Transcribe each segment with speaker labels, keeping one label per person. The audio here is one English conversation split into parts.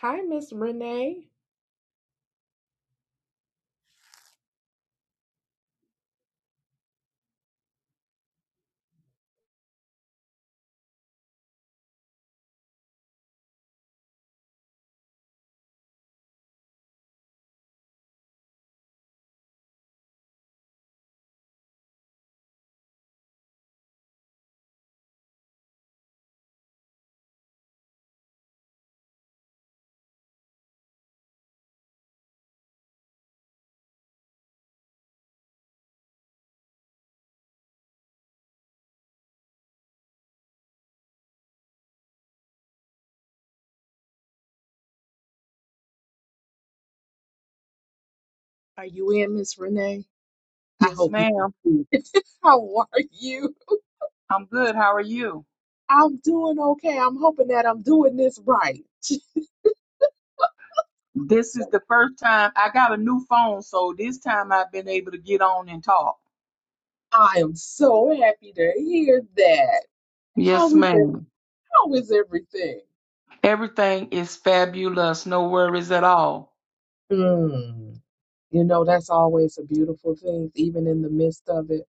Speaker 1: Hi, Miss Renee. Are you in, Miss Renee? I
Speaker 2: Yes,
Speaker 1: hope you can
Speaker 2: ma'am.
Speaker 1: see. it. How are you?
Speaker 2: I'm good. How are you?
Speaker 1: I'm doing okay. I'm hoping that I'm doing this right.
Speaker 2: This is
Speaker 1: So
Speaker 2: the first time I got a new phone, so this time I've been able to get on and talk.
Speaker 1: I am so happy to hear that.
Speaker 2: Yes,
Speaker 1: How is every,
Speaker 2: ma'am.
Speaker 1: how is everything?
Speaker 2: Everything is fabulous. No worries at all.
Speaker 1: Mm, you know, that's always a beautiful thing, even in the midst of it.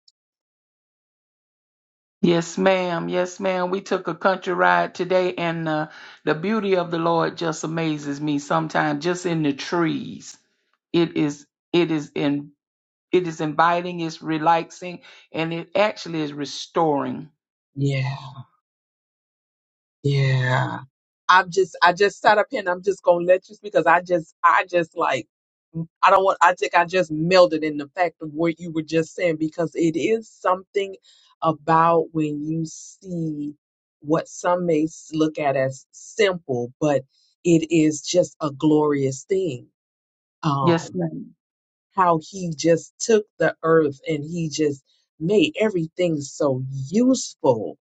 Speaker 2: Yes, ma'am. Yes, ma'am. We took a country ride today, and uh, the beauty of the Lord just amazes me sometimes, just in the trees. It is, it is in, it is inviting, it's relaxing, and it actually is restoring.
Speaker 1: Yeah. Yeah. I'm just I just sat up here and I'm just gonna let you speak because I just I just like I don't want I think I just melded in the fact of what you were just saying because it is something about when you see what some may s- look at as simple, but it is just a glorious thing.
Speaker 2: Yes,
Speaker 1: Um
Speaker 2: ma'am.
Speaker 1: how he just took the earth and he just made everything so useful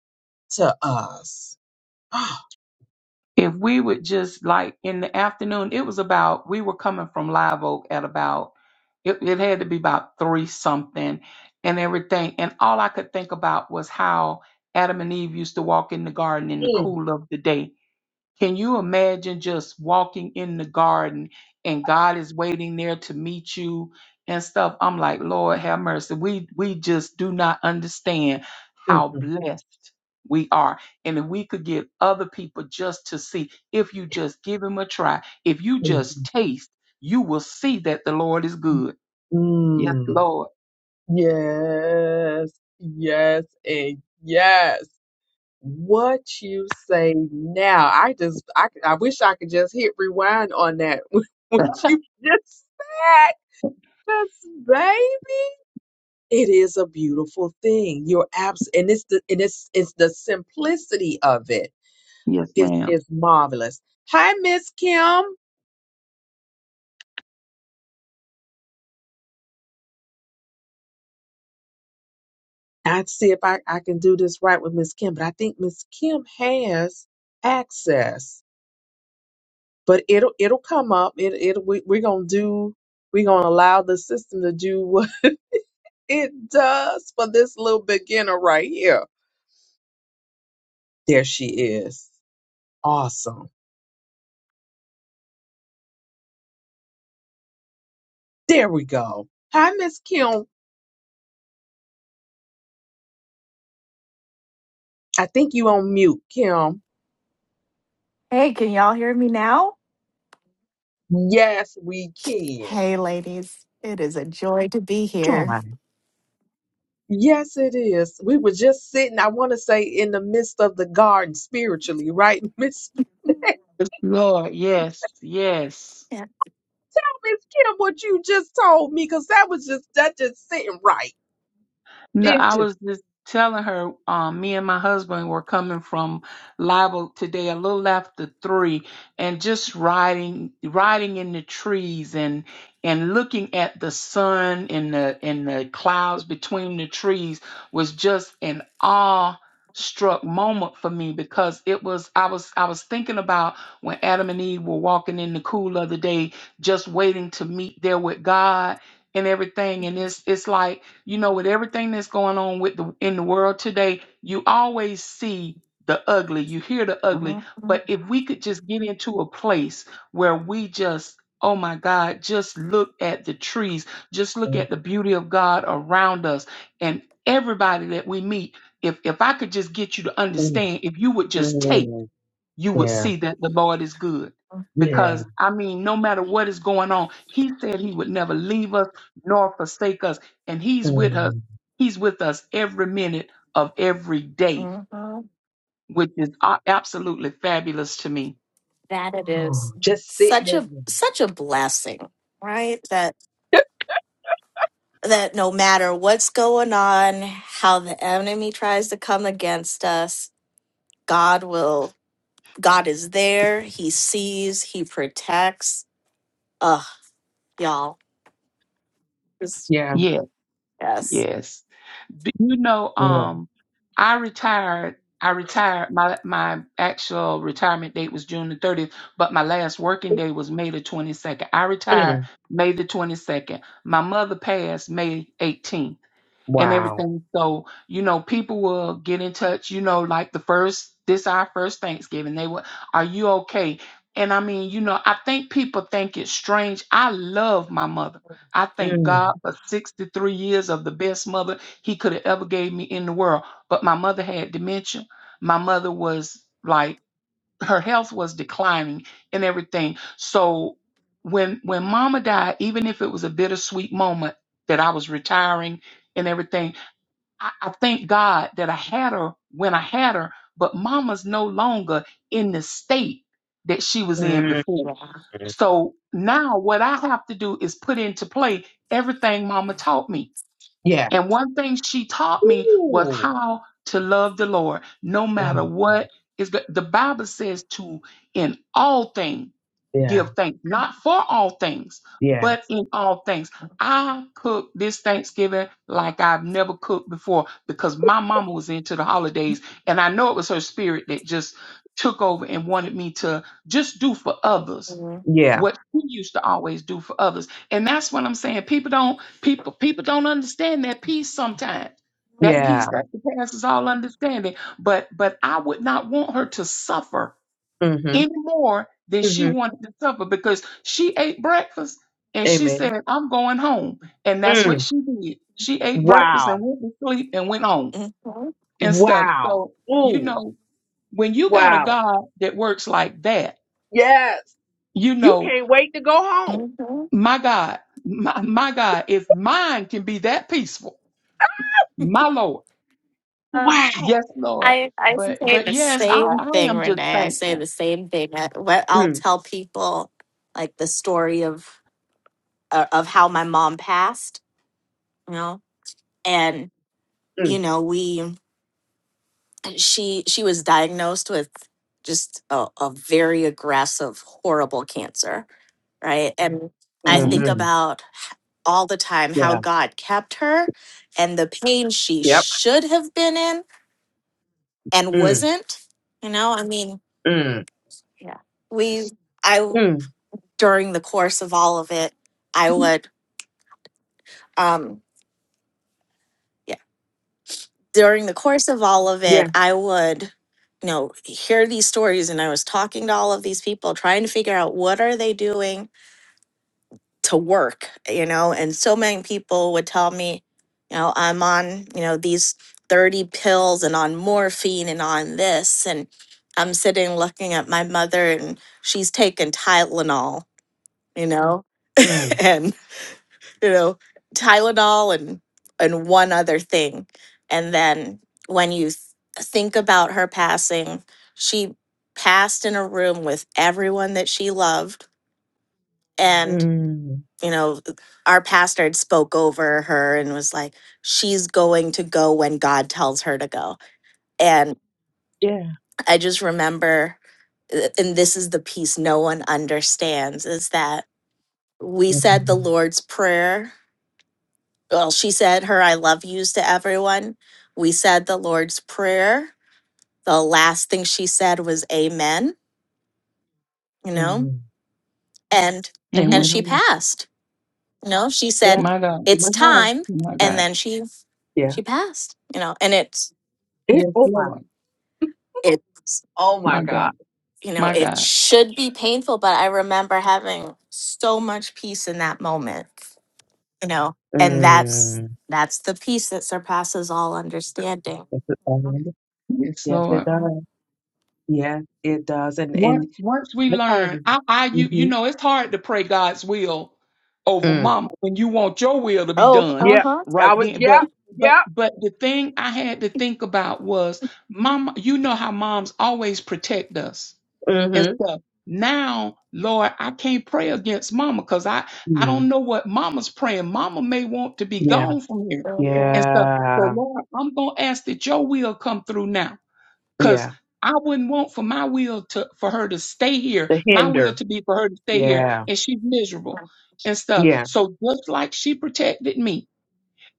Speaker 1: to us.
Speaker 2: if we would just like in the afternoon, it was about we were coming from Live Oak at about it, it had to be about three something and everything. And all I could think about was how Adam and Eve used to walk in the garden in the
Speaker 1: Mm,
Speaker 2: cool of the day can you imagine just walking in the garden and God is waiting there to meet you and stuff? I'm like, Lord have mercy. We we just do not understand
Speaker 1: mm,
Speaker 2: how blessed we are. And if we could get other people just to see, if you just give him a try, if you just
Speaker 1: Mm,
Speaker 2: taste, you will see that the Lord is good. Yes, Lord.
Speaker 1: yes, yes, and yes. What you say now? I just, I, I wish I could just hit rewind on that. What you just said, because babe, it is a beautiful thing. You're abs, and it's the, and it's, it's the simplicity of it.
Speaker 2: Yes,
Speaker 1: It
Speaker 2: ma'am.
Speaker 1: is marvelous. Hi, Miss Kim. I'd see if I, I can do this right with Miss Kim, but I think Miss Kim has access. but it'll it'll come up. It it we, we're gonna do. We're gonna allow the system to do what it does for this little beginner right here. There she is. Awesome. There we go. Hi, Miss Kim. I think you on mute, Kim.
Speaker 3: Hey, can y'all hear me now?
Speaker 1: Yes, we can.
Speaker 3: Hey, ladies. It is a joy to be here.
Speaker 1: Hi. Yes, it is. We were just sitting, I want to say, in the midst of the garden spiritually, right, Miss Renee?
Speaker 2: Yes, Lord. Yes, yes.
Speaker 3: Yeah.
Speaker 1: Miss Kim? What you just told me, because that was just that just sitting right.
Speaker 2: No,
Speaker 1: It
Speaker 2: I was
Speaker 1: just
Speaker 2: just telling her, um, me and my husband were coming from Libel today a little after three and just riding riding in the trees and and looking at the sun and the and the clouds between the trees was just an awe struck moment for me because it was I was I was thinking about when Adam and Eve were walking in the cool of the day just waiting to meet there with God and everything and it's it's like you know, with everything that's going on with the in the world today, you always see the ugly, you hear the ugly.
Speaker 3: Mhm,
Speaker 2: But if we could just get into a place where we just Oh my God, just look at the trees. Just look at the beauty of God around us and everybody that we meet. If if I could just get you to
Speaker 1: Mm,
Speaker 2: understand, if you would just take
Speaker 1: mm,
Speaker 2: you would
Speaker 1: yeah,
Speaker 2: see that the Lord is good.
Speaker 1: yeah.
Speaker 2: Because, I mean, no matter what is going on, He said He would never leave us nor forsake us. And He's with us.
Speaker 1: Mm.
Speaker 2: He's with us every minute of every day,
Speaker 3: mhm.
Speaker 2: which is a- absolutely fabulous to me.
Speaker 3: That it is.
Speaker 1: Just sitting
Speaker 3: Such a
Speaker 1: in
Speaker 3: such a blessing, right? That
Speaker 1: there.
Speaker 3: that no matter what's going on, how the enemy tries to come against us, God will God is there. He sees, he protects. Ugh, y'all. Just
Speaker 1: Yeah,
Speaker 2: Yes,
Speaker 3: yes.
Speaker 2: yes. Do you know,
Speaker 1: yeah.
Speaker 2: um, I retired. I retired. My my actual retirement date was June the 30th, but my last working day was May the 22nd. I retired
Speaker 1: Mm,
Speaker 2: May the 22nd. My mother passed May 18th and
Speaker 1: wow.
Speaker 2: everything. So, you know, people will get in touch, you know, like the first, this our first Thanksgiving. They will, are you okay? And I mean, you know, I think people think it's strange. I love my mother. I thank
Speaker 1: Mm,
Speaker 2: God for 63 years of the best mother he could have ever gave me in the world. But my mother had dementia. My mother was like her health was declining and everything. So when when mama died, even if it was a bittersweet moment that I was retiring and everything, I, I thank God that I had her when I had her, but mama's no longer in the state that she was in
Speaker 1: mm,
Speaker 2: before.
Speaker 3: Yeah.
Speaker 2: So now what I have to do is put into play everything mama taught me.
Speaker 1: yeah.
Speaker 2: And one thing she taught me was
Speaker 1: Ooh,
Speaker 2: how to love the Lord no
Speaker 1: yeah,
Speaker 2: matter what is the, the Bible says to in all things
Speaker 1: yeah,
Speaker 2: give thanks, not for all things,
Speaker 1: yeah,
Speaker 2: but in all things. I cooked this Thanksgiving like I've never cooked before because my mama was into the holidays and I know it was her spirit that just took over and wanted me to just do for others
Speaker 3: Mhm.
Speaker 1: yeah,
Speaker 2: what she used to always do for others. And that's what I'm saying. People don't People people don't understand that peace sometimes. That
Speaker 1: yeah.
Speaker 2: peace that surpasses all understanding. But but I would not want her to suffer
Speaker 1: Mm-hmm,
Speaker 2: any more than she
Speaker 1: mm-hmm.
Speaker 2: wanted to suffer because she ate breakfast and she
Speaker 1: Amen.
Speaker 2: said, I'm going home. And that's what
Speaker 1: Mm,
Speaker 2: she did. She ate breakfast and
Speaker 1: wow,
Speaker 2: went to sleep and went home
Speaker 3: Mhm.
Speaker 2: and stuff.
Speaker 1: wow.
Speaker 2: So, you
Speaker 1: Ooh,
Speaker 2: know, when you got a
Speaker 1: wow.
Speaker 2: God that works like that,
Speaker 1: Yes,
Speaker 2: you
Speaker 1: you
Speaker 2: know,
Speaker 1: can't wait to go home.
Speaker 3: Mhm,
Speaker 2: my God, my, my God, if mine can be that peaceful, my Lord.
Speaker 3: mhm.
Speaker 1: Wow.
Speaker 2: Yes, Lord.
Speaker 3: I, I
Speaker 2: But
Speaker 3: say
Speaker 2: but
Speaker 3: the
Speaker 2: yes, I,
Speaker 3: same
Speaker 2: I
Speaker 3: thing,
Speaker 2: am just
Speaker 3: Renee. I say the
Speaker 2: thankful.
Speaker 3: same thing. I, what I'll
Speaker 1: Mm,
Speaker 3: tell people, like the story of uh, of how my mom passed, you know, and you
Speaker 1: mm,
Speaker 3: know, we she she was diagnosed with just a, a very aggressive, horrible cancer, right? And I
Speaker 2: hmm
Speaker 3: think
Speaker 1: mm-hmm.
Speaker 3: about h- all the time how
Speaker 1: Yeah,
Speaker 3: God kept her and the pain she
Speaker 1: yep.
Speaker 3: should have been in and
Speaker 1: Mm,
Speaker 3: wasn't. You know, I mean,
Speaker 1: mm,
Speaker 3: yeah, we. I
Speaker 1: mm,
Speaker 3: during the course of all of it, I would, um, yeah, during the course of all of
Speaker 1: yeah.
Speaker 3: it, I would, you know, hear these stories and I was talking to all of these people, trying to figure out what are they doing to work, you know, and so many people would tell me, you know, I'm on, you know, these 30 pills and on morphine and on this. And I'm sitting looking at my mother and she's taking Tylenol, you know,
Speaker 1: mm.
Speaker 3: and. you know, Tylenol and and one other thing. And then when you th- think about her passing, she passed in a room with everyone that she loved and
Speaker 1: Mm,
Speaker 3: you know our pastor had spoke over her and was like she's going to go when god tells her to go and
Speaker 1: yeah.
Speaker 3: i just remember uh, and this is the piece no one understands is that we said the
Speaker 1: Mm,
Speaker 3: lord's prayer well, she said her I love yous to everyone. We said the Lord's Prayer. The last thing she said was amen, you know,
Speaker 1: mm.
Speaker 3: and
Speaker 1: And
Speaker 2: hmm
Speaker 3: and
Speaker 1: went
Speaker 3: she
Speaker 1: home.
Speaker 3: passed. You know, she
Speaker 1: Yeah.
Speaker 3: said
Speaker 2: My God.
Speaker 1: He
Speaker 3: it's
Speaker 1: went home.
Speaker 3: time
Speaker 2: My
Speaker 3: and
Speaker 2: God.
Speaker 3: then she
Speaker 1: Yeah.
Speaker 3: she passed, you know, and it's
Speaker 1: It,
Speaker 2: Yes,
Speaker 1: oh my.
Speaker 2: Lord.
Speaker 3: it's
Speaker 1: Oh my
Speaker 2: My God.
Speaker 1: God.
Speaker 3: you know,
Speaker 2: My
Speaker 3: it
Speaker 2: God.
Speaker 3: should be painful, but I remember having so much peace in that moment, you know, and that's
Speaker 1: Mm.
Speaker 3: that's the peace that surpasses all understanding.
Speaker 1: Yes, it
Speaker 3: you
Speaker 1: does.
Speaker 2: Yes,
Speaker 1: Yes, it
Speaker 2: Lord.
Speaker 3: know?
Speaker 1: does. Yes, it does. And, and
Speaker 2: Once once we
Speaker 1: the
Speaker 2: learn,
Speaker 1: kind
Speaker 2: I, I you
Speaker 1: mm-hmm.
Speaker 2: you know it's hard to pray God's will over
Speaker 1: mm.
Speaker 2: mama when you want your will to be
Speaker 3: Oh,
Speaker 2: done
Speaker 1: Yeah.
Speaker 3: uh
Speaker 1: I
Speaker 2: right
Speaker 1: was,
Speaker 2: then. But
Speaker 1: yeah.
Speaker 2: but
Speaker 1: Yeah.
Speaker 2: but the thing I had to think about was mama, you know how moms always protect us. and
Speaker 1: Mm-hmm.
Speaker 2: stuff. Now, Lord, I can't pray against mama because I, I
Speaker 1: Mm.
Speaker 2: don't know what mama's praying. Mama may want to be
Speaker 1: Yeah.
Speaker 2: gone from here and stuff. So,
Speaker 1: Yeah.
Speaker 2: Lord, I'm going to ask that your will come through now because
Speaker 1: Yeah.
Speaker 2: I wouldn't want for my will to, for her to stay here,
Speaker 1: The
Speaker 2: my will
Speaker 1: hinder.
Speaker 2: to be for her to stay here
Speaker 1: Yeah.
Speaker 2: and she's
Speaker 3: huh.
Speaker 2: miserable and stuff.
Speaker 1: Yeah.
Speaker 2: So just like she protected me,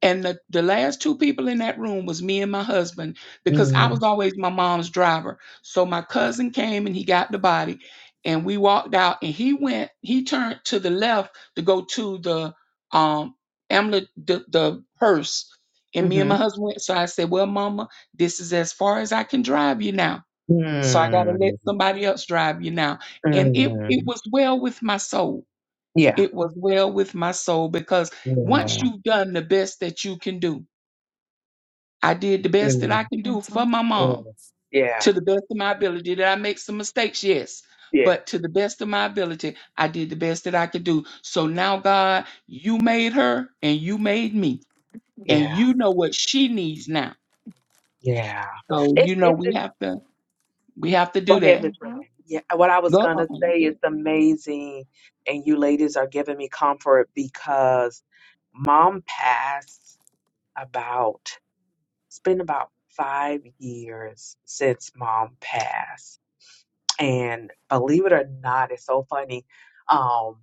Speaker 2: and the, the last two people in that room was me and my husband because I
Speaker 1: Mm.
Speaker 2: was always my mom's driver. So my cousin came and he got the body and we walked out and he went, he turned to the left to go to the um amulet the, the hearse. And me and
Speaker 1: Mm-hmm.
Speaker 2: my husband went. So I said, Well, mama, this is as far as I can drive you now. So I gotta let
Speaker 1: Mm.
Speaker 2: somebody else drive you now. And it it
Speaker 1: Mm.
Speaker 2: was well with my soul.
Speaker 1: Yeah.
Speaker 2: It was well with my soul because once
Speaker 1: Yeah.
Speaker 2: you've done the best that you can do, I did the best
Speaker 1: Mm.
Speaker 2: that I can do for
Speaker 3: Mhm.
Speaker 2: my
Speaker 1: Yeah,
Speaker 2: mom
Speaker 1: yeah,
Speaker 2: to the best of my ability. Did I make some mistakes? Yes.
Speaker 1: yeah,
Speaker 2: But to the best of my ability, I did the best that I could do. So now, God, you made her and you made me. And
Speaker 1: yeah,
Speaker 2: you know what she needs now.
Speaker 1: yeah.
Speaker 2: So
Speaker 1: It's
Speaker 2: you know
Speaker 1: it's
Speaker 2: we
Speaker 1: it's
Speaker 2: have to we have to
Speaker 1: go
Speaker 2: do
Speaker 1: ahead,
Speaker 2: that.
Speaker 1: Miss
Speaker 3: Mhm.
Speaker 1: Renee. Yeah, what I was
Speaker 2: Go uh
Speaker 1: gonna
Speaker 2: you
Speaker 1: say is
Speaker 2: good.
Speaker 1: amazing, and you ladies are giving me comfort because mom passed about it's been about five years since mom passed, and believe it or not, it's so funny. um,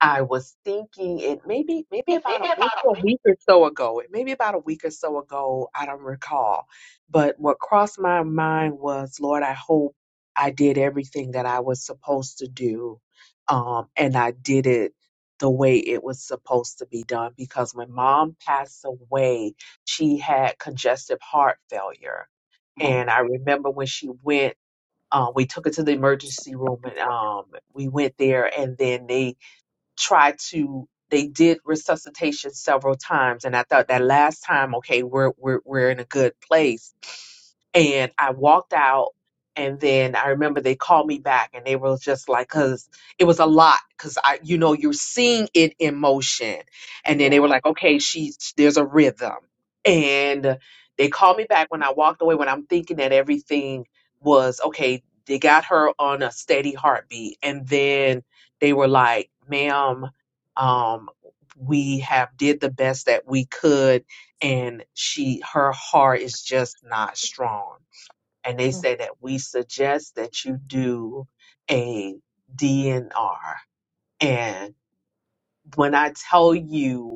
Speaker 1: I was thinking it maybe maybe about a, maybe a week or so ago. It maybe about a week or so ago. I don't recall, but what crossed my mind was, Lord, I hope I did everything that I was supposed to do, um, and I did it the way it was supposed to be done. Because when Mom passed away, she had congestive heart failure,
Speaker 2: Come on.
Speaker 1: and I remember when she went, uh, we took her to the emergency room and um, we went there, and then they tried to they did resuscitation several times and i thought that last time okay we're we're, we're in a good place and i walked out and then i remember they called me back and they were just like because it was a lot because i you know you're seeing it in motion and then they were
Speaker 3: Yeah.
Speaker 1: like okay she's there's a rhythm and they called me back when i walked away when i'm thinking that everything was okay they got her on a steady heartbeat and then they were like, ma'am, um, we have did the best that we could and she her heart is just not strong. And they say that we suggest that you do a DNR. And when I tell you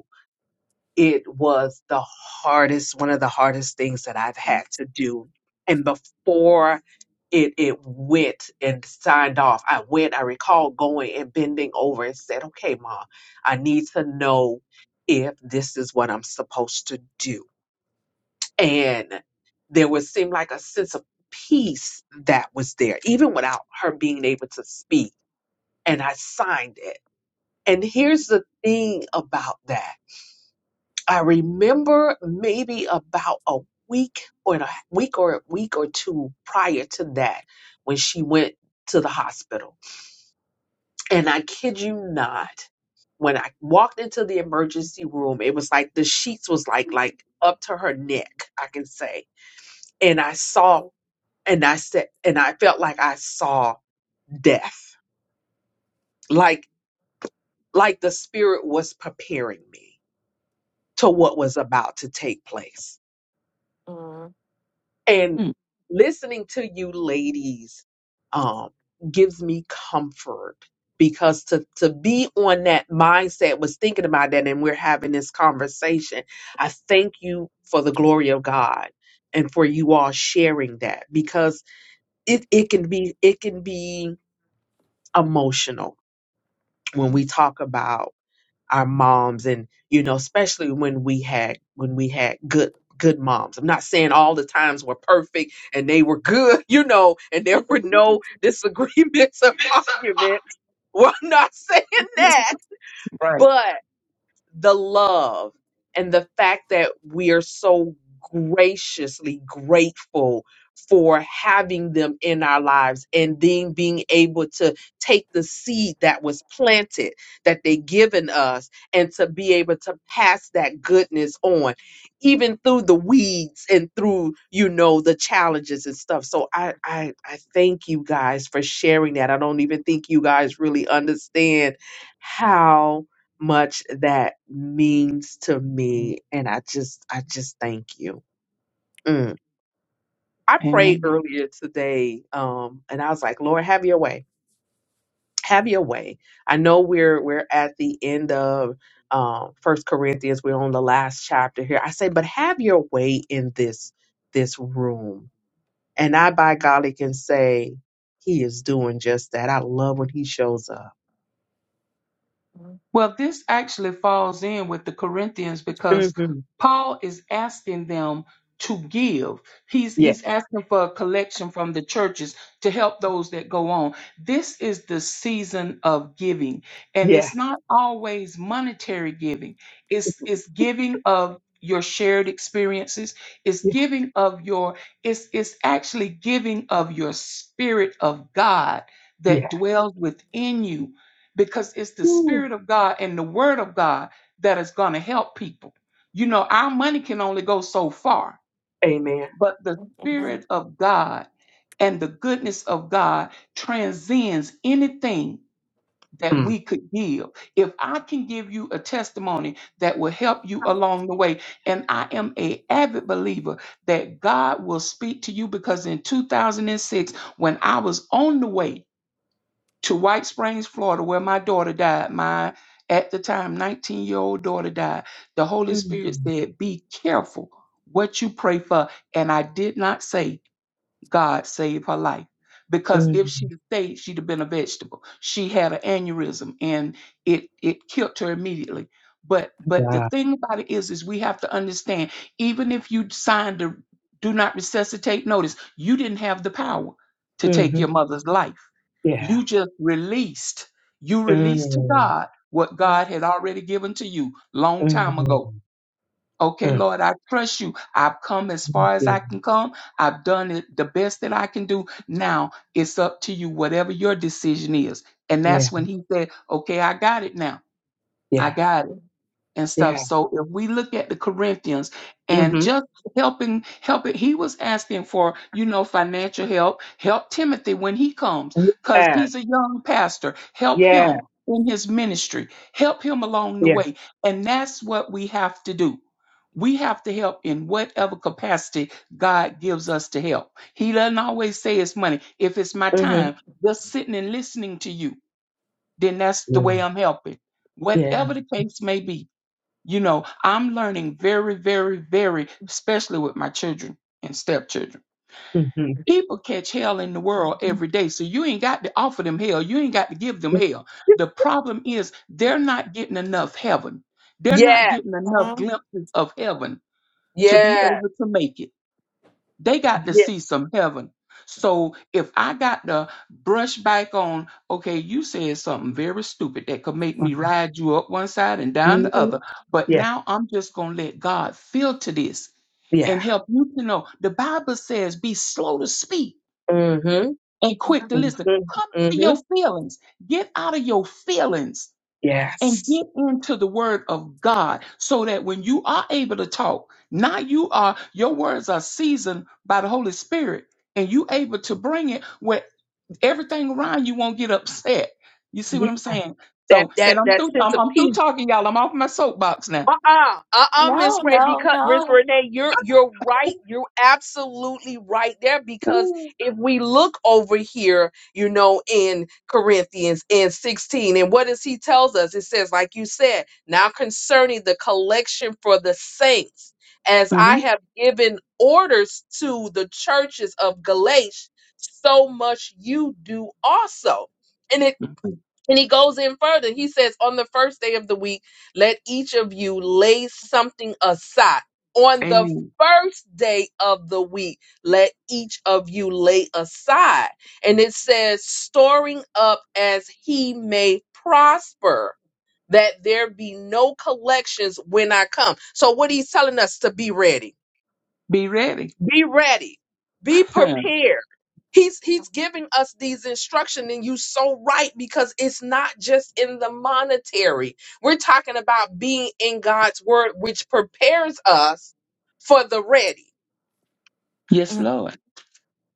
Speaker 1: it was the hardest one of the hardest things that I've had to do. And before it it went and signed off, I went, I recall going and bending over and said, Okay, mom, I need to know if this is what I'm supposed to do. And there would seem like a sense of peace that was there, even without her being able to speak. And I signed it. And here's the thing about that. I remember maybe about a week or a week or a week or two prior to that when she went to the hospital. And I kid you not, when I walked into the emergency room, it was like the sheets was like like up to her neck, I can say. And I saw and I said and I felt like I saw death. Like like the spirit was preparing me to what was about to take place
Speaker 3: Mhm.
Speaker 1: and
Speaker 2: Mm,
Speaker 1: listening to you ladies um gives me comfort because to to be on that mindset was thinking about that and we're having this conversation i thank you for the glory of god and for you all sharing that because it it can be it can be emotional when we talk about our moms and you know especially when we had when we had good good moms i'm not saying all the times were perfect and they were good you know and there were no disagreements or arguments well i'm not saying that
Speaker 2: Right.
Speaker 1: the love and the fact that we are so graciously grateful for having them in our lives and then being able to take the seed that was planted that they given us and to be able to pass that goodness on even through the weeds and through you know the challenges and stuff so i i, I thank you guys for sharing that i don't even think you guys really understand how much that means to me and i just i just thank you Mm. i prayed
Speaker 2: Amen.
Speaker 1: earlier today um and i was like lord have your way have your way i know we're we're at the end of um first corinthians we're on the last chapter here i say but have your way in this this room and i by golly can say he is doing just that i love when he shows up
Speaker 3: Mhm.
Speaker 2: Well, this actually falls in with the Corinthians because
Speaker 1: hmm
Speaker 2: Paul is asking them to give. He's
Speaker 1: yeah
Speaker 2: he's asking for a collection from the churches to help those that go on. This is the season of giving, and
Speaker 1: yeah
Speaker 2: it's not always monetary giving. It's it's giving of your shared experiences. It's
Speaker 1: yeah
Speaker 2: giving of your it's it's actually giving of your spirit of God
Speaker 1: yeah
Speaker 2: that dwells within you because it's the
Speaker 1: Woo.
Speaker 2: spirit of God and the word of God that is going to help people. You know, our money can only go so far,
Speaker 1: amen
Speaker 2: but the
Speaker 3: Amen.
Speaker 2: spirit of God and the goodness of God transcends anything that we could give. If I can give you a testimony that will help you along the way, and I am a avid believer that God will speak to you because in 2006 when I was on the way to White Springs, Florida, where my daughter died. My, at the time, 19 year old daughter died. The Holy Spirit
Speaker 1: Mm,
Speaker 2: said, Be careful what you pray for. And I did not say, God save her life. Because
Speaker 1: mm,
Speaker 2: if she'd have stayed, she'd have been a vegetable. She had an aneurysm and it, it killed her immediately. But but the
Speaker 1: wow.
Speaker 2: thing about it is, is we have to understand, even if you signed a do not resuscitate notice, you didn't have the power to take
Speaker 1: hmm
Speaker 2: your mother's life
Speaker 1: Yeah.
Speaker 2: you just released. You released to
Speaker 1: Mm,
Speaker 2: God what
Speaker 3: Mhm.
Speaker 2: God had already given to you long time
Speaker 1: mm,
Speaker 2: ago. Okay,
Speaker 1: mm. Thank
Speaker 2: Lord, I trust you. I've come as far as
Speaker 1: you.
Speaker 2: I can come. I've done it the best that I can do. Now it's up to you, whatever your decision is. And
Speaker 1: Yeah.
Speaker 2: that's when he said, Okay, I got it now. I
Speaker 1: Yeah.
Speaker 2: got it and
Speaker 1: Yeah.
Speaker 2: stuff. So if we look at the Corinthians and
Speaker 1: Mm-hmm.
Speaker 2: just helping, helping, he was asking for, you know, financial help. Help Timothy when he comes, because
Speaker 1: Yes.
Speaker 2: he's a young pastor. Help
Speaker 1: Yes.
Speaker 2: him in his ministry. Help him along the
Speaker 1: Yeah.
Speaker 2: way. And that's what we have to do. We have to help in whatever capacity God gives us to help. He doesn't always say it's money. If it's my
Speaker 1: Mm-hmm.
Speaker 2: time, just sitting and listening to you, then that's the
Speaker 1: Yeah.
Speaker 2: way I'm helping.
Speaker 1: Yeah.
Speaker 2: Whatever the case may be, you know, I'm learning very, very, very, especially with my children and stepchildren.
Speaker 1: Mm-hmm.
Speaker 2: People catch hell in the world every day. So you ain't got to offer them hell. You ain't got to give them
Speaker 1: Yes.
Speaker 2: hell. The problem is they're not getting enough heaven. They're not getting enough glimpses of heaven to be able
Speaker 1: Yes.
Speaker 2: to make it. They got to
Speaker 1: Yes.
Speaker 2: see some heaven. So if I got to brush back on, okay, you said something very stupid that could make me ride you up one side and down the
Speaker 1: Mm-hmm.
Speaker 2: other, but
Speaker 1: Yeah.
Speaker 2: now I'm just going to let God filter this
Speaker 1: Yeah.
Speaker 2: and help you to know. The Bible says, be slow to speak
Speaker 1: Mm-hmm.
Speaker 2: and quick to listen.
Speaker 1: Mm-hmm.
Speaker 2: Come out of
Speaker 1: Mm-hmm.
Speaker 2: your feelings. Get out of your feelings and
Speaker 1: Yes.
Speaker 2: get into the word of God so that when you are able to talk, now you are your words are seasoned by the Holy Spirit and you able to bring it where everything around you won't get upset. You see what
Speaker 1: Yeah.
Speaker 2: I'm saying?
Speaker 1: That
Speaker 2: So,
Speaker 1: that
Speaker 2: and I'm
Speaker 1: that
Speaker 2: through
Speaker 1: sense
Speaker 2: I'm,
Speaker 1: of
Speaker 2: I'm through
Speaker 1: peace.
Speaker 2: talking y'all. I'm off my soapbox now.
Speaker 1: Uh-uh, uh-uh, Miss
Speaker 3: No,
Speaker 1: Ray,
Speaker 3: no,
Speaker 1: because Miss
Speaker 3: no.
Speaker 1: Renee, you're you're right. You're absolutely right there. Because if we look over here, you know, in Corinthians in 16, and what does he tells us? It says, like you said, now concerning the collection for the saints, as I have given orders to the churches of Galatia, so much you do also. and it.
Speaker 2: Mm-hmm.
Speaker 1: And he goes in further. He says, On the first day of the week, let each of you lay something aside. On the
Speaker 2: Amen.
Speaker 1: first day of the week, let each of you lay aside. And it says, storing up as he may prosper, that there be no collections when I come. So, what he's telling us to be ready
Speaker 2: Be ready.
Speaker 1: be ready. Be prepared. He's he's giving us these instructions, and you so right because it's not just in the monetary. We're talking about being in God's word, which prepares us for the ready.
Speaker 2: yes,
Speaker 3: Mhm.
Speaker 2: Lord.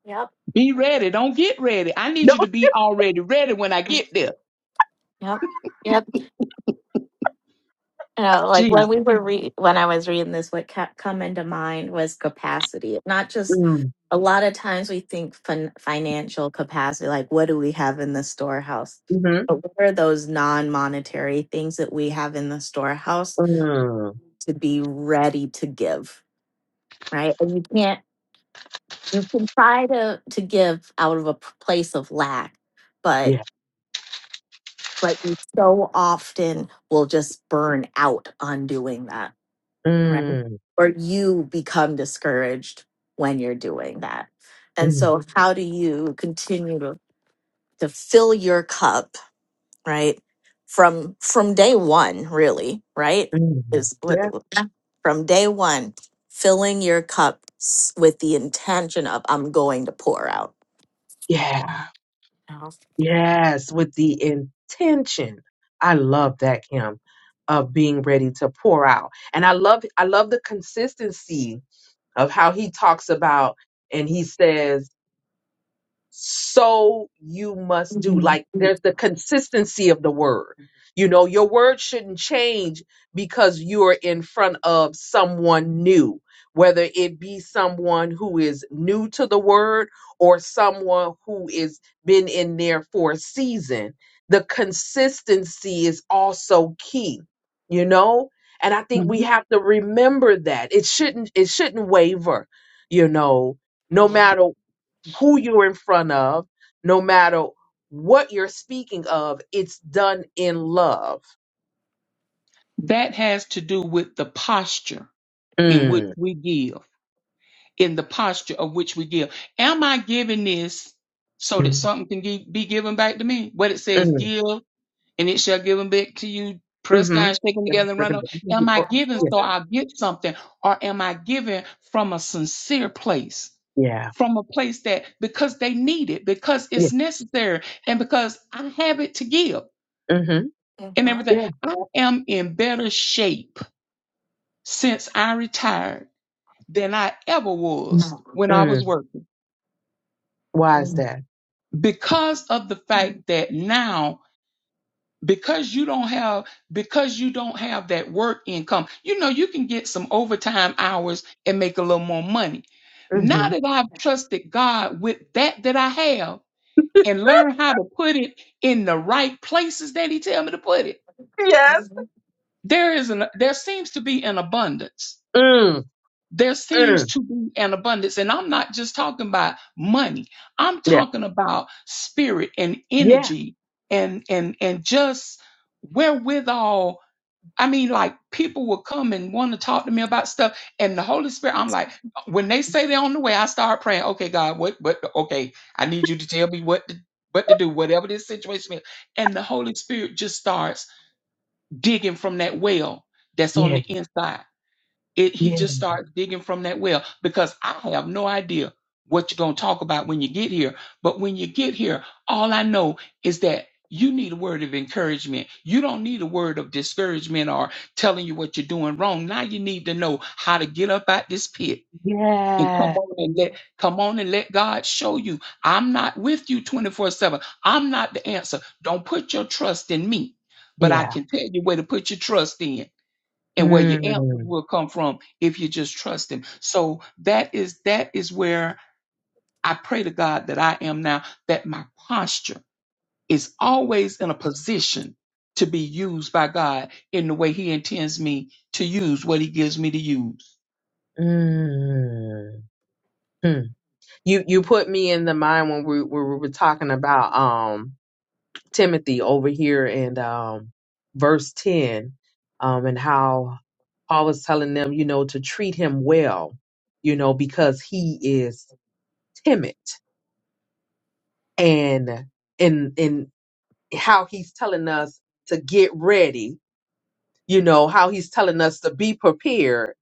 Speaker 3: Yep.
Speaker 2: Be ready. Don't get ready. I need
Speaker 1: No.
Speaker 2: you to be already ready when I get there.
Speaker 3: Yep. Yep. You know, like
Speaker 2: Jesus.
Speaker 3: when we were re- when I was reading this, what kept coming to mind was capacity. Not just
Speaker 1: Mm,
Speaker 3: a lot of times we think fin- financial capacity, like what do we have in the storehouse?
Speaker 1: hmm
Speaker 3: But what are those non-monetary things that we have in the storehouse
Speaker 1: mm,
Speaker 3: to be ready to give? Right. And you can't you can try to to give out of a p- place of lack but
Speaker 1: yeah.
Speaker 3: but you so often will just burn out on doing that right
Speaker 1: Mm,
Speaker 3: or you become discouraged when you're doing that and
Speaker 1: mm,
Speaker 3: so how do you continue to to fill your cup right from from day one really right
Speaker 1: mm,
Speaker 3: is what
Speaker 1: yeah.
Speaker 3: Yeah. from day one filling your cup s- with the intention of i'm going to pour out
Speaker 1: Yeah. Yes, with the intention. I love that, Kim, of being ready to pour out. And I love I love the consistency of how he talks about and he says so you must do.
Speaker 3: Mm.
Speaker 1: Like
Speaker 3: Mhm.
Speaker 1: there's the consistency of the word. You know, your word shouldn't change because you're in front of someone new, whether it be someone who is new to the word or someone who is been in there for a season. The consistency is also key, you know? And I think we
Speaker 2: Mhm.
Speaker 1: have to remember that. It shouldn't it shouldn't waver, you know no matter who you're in front of, no matter what you're speaking of, it's done in love.
Speaker 2: That has to do with the posture in which
Speaker 1: Mm.
Speaker 2: we give, in the posture of which we give. Am I giving this so that
Speaker 1: Mm.
Speaker 2: something can gi- be given back to me? What it says,
Speaker 1: Mm.
Speaker 2: give, and it shall give them back to you, pressed
Speaker 1: Mm-hmm.
Speaker 2: down, shaken
Speaker 1: Yeah.
Speaker 2: together, and run over.
Speaker 1: Mhm.
Speaker 2: Am I
Speaker 1: Oh,
Speaker 2: giving
Speaker 1: Yeah.
Speaker 2: so I get something, or am I giving from a sincere place?
Speaker 1: Yeah.
Speaker 2: From a place that because they need it, because
Speaker 1: Yeah.
Speaker 2: it's necessary, and because I have it to give
Speaker 1: Mm-hmm.
Speaker 2: and everything.
Speaker 1: Yeah.
Speaker 2: I am in better shape since I retired than I ever was when I was
Speaker 1: Mm.
Speaker 2: working
Speaker 1: Why is that?
Speaker 2: because of the
Speaker 3: Mm.
Speaker 2: fact that now because you don't have because you don't have that work income you know you can get some overtime hours and make a little more money now
Speaker 1: Mm-hmm.
Speaker 2: that I've trusted God with that that I have and learned how to put it in the right places that he tell me to put it
Speaker 1: Yes.
Speaker 3: Mhm.
Speaker 2: there is an there seems to be an abundance
Speaker 1: Mm.
Speaker 2: there seems
Speaker 1: Mm.
Speaker 2: to be an abundance. And I'm not just talking about money. I'm
Speaker 1: Yeah.
Speaker 2: talking about spirit and
Speaker 1: Yeah.
Speaker 2: energy and and and just wherewithal. I mean, like people will come and want to talk to me about stuff. And the Holy Spirit, I'm like, when they say they're on the way, I start praying, okay, God, what what okay, I need you to tell me what to what to do, whatever this situation is. And the Holy Spirit just starts digging from that well that's on
Speaker 1: Yeah.
Speaker 2: the inside it, he
Speaker 1: Yeah.
Speaker 2: just starts digging from that well because I have no idea what you're going to talk about when you get here. But when you get here, all I know is that you need a word of encouragement. You don't need a word of discouragement or telling you what you're doing wrong. Now you need to know how to get up out this pit and come
Speaker 1: Yeah.
Speaker 2: on and let come on and let God show you. I'm not with you 24/7. I'm not the answer. Don't put your trust in me. But I
Speaker 1: Yeah.
Speaker 2: can tell you where to put your trust in and where your answers
Speaker 1: Mm.
Speaker 2: will come from if you just trust him so that is that is where i pray to god that i am now that my posture is always in a position to be used by god in the way he intends me to use what he gives me to use
Speaker 1: Mm. Hmm. You you put me in the mind when we, we were talking about um Timothy over here in um, verse 10 um, and how Paul was telling them, you know, to treat him well, you know, because he is timid and and and how he's telling us to get ready, you know, how he's telling us to be prepared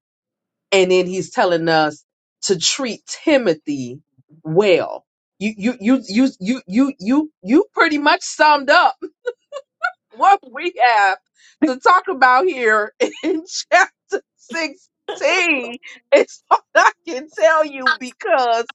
Speaker 1: and then he's telling us to treat Timothy well. You you you you you you you you pretty much summed up what we have to talk about here in chapter 16 is what I can tell you because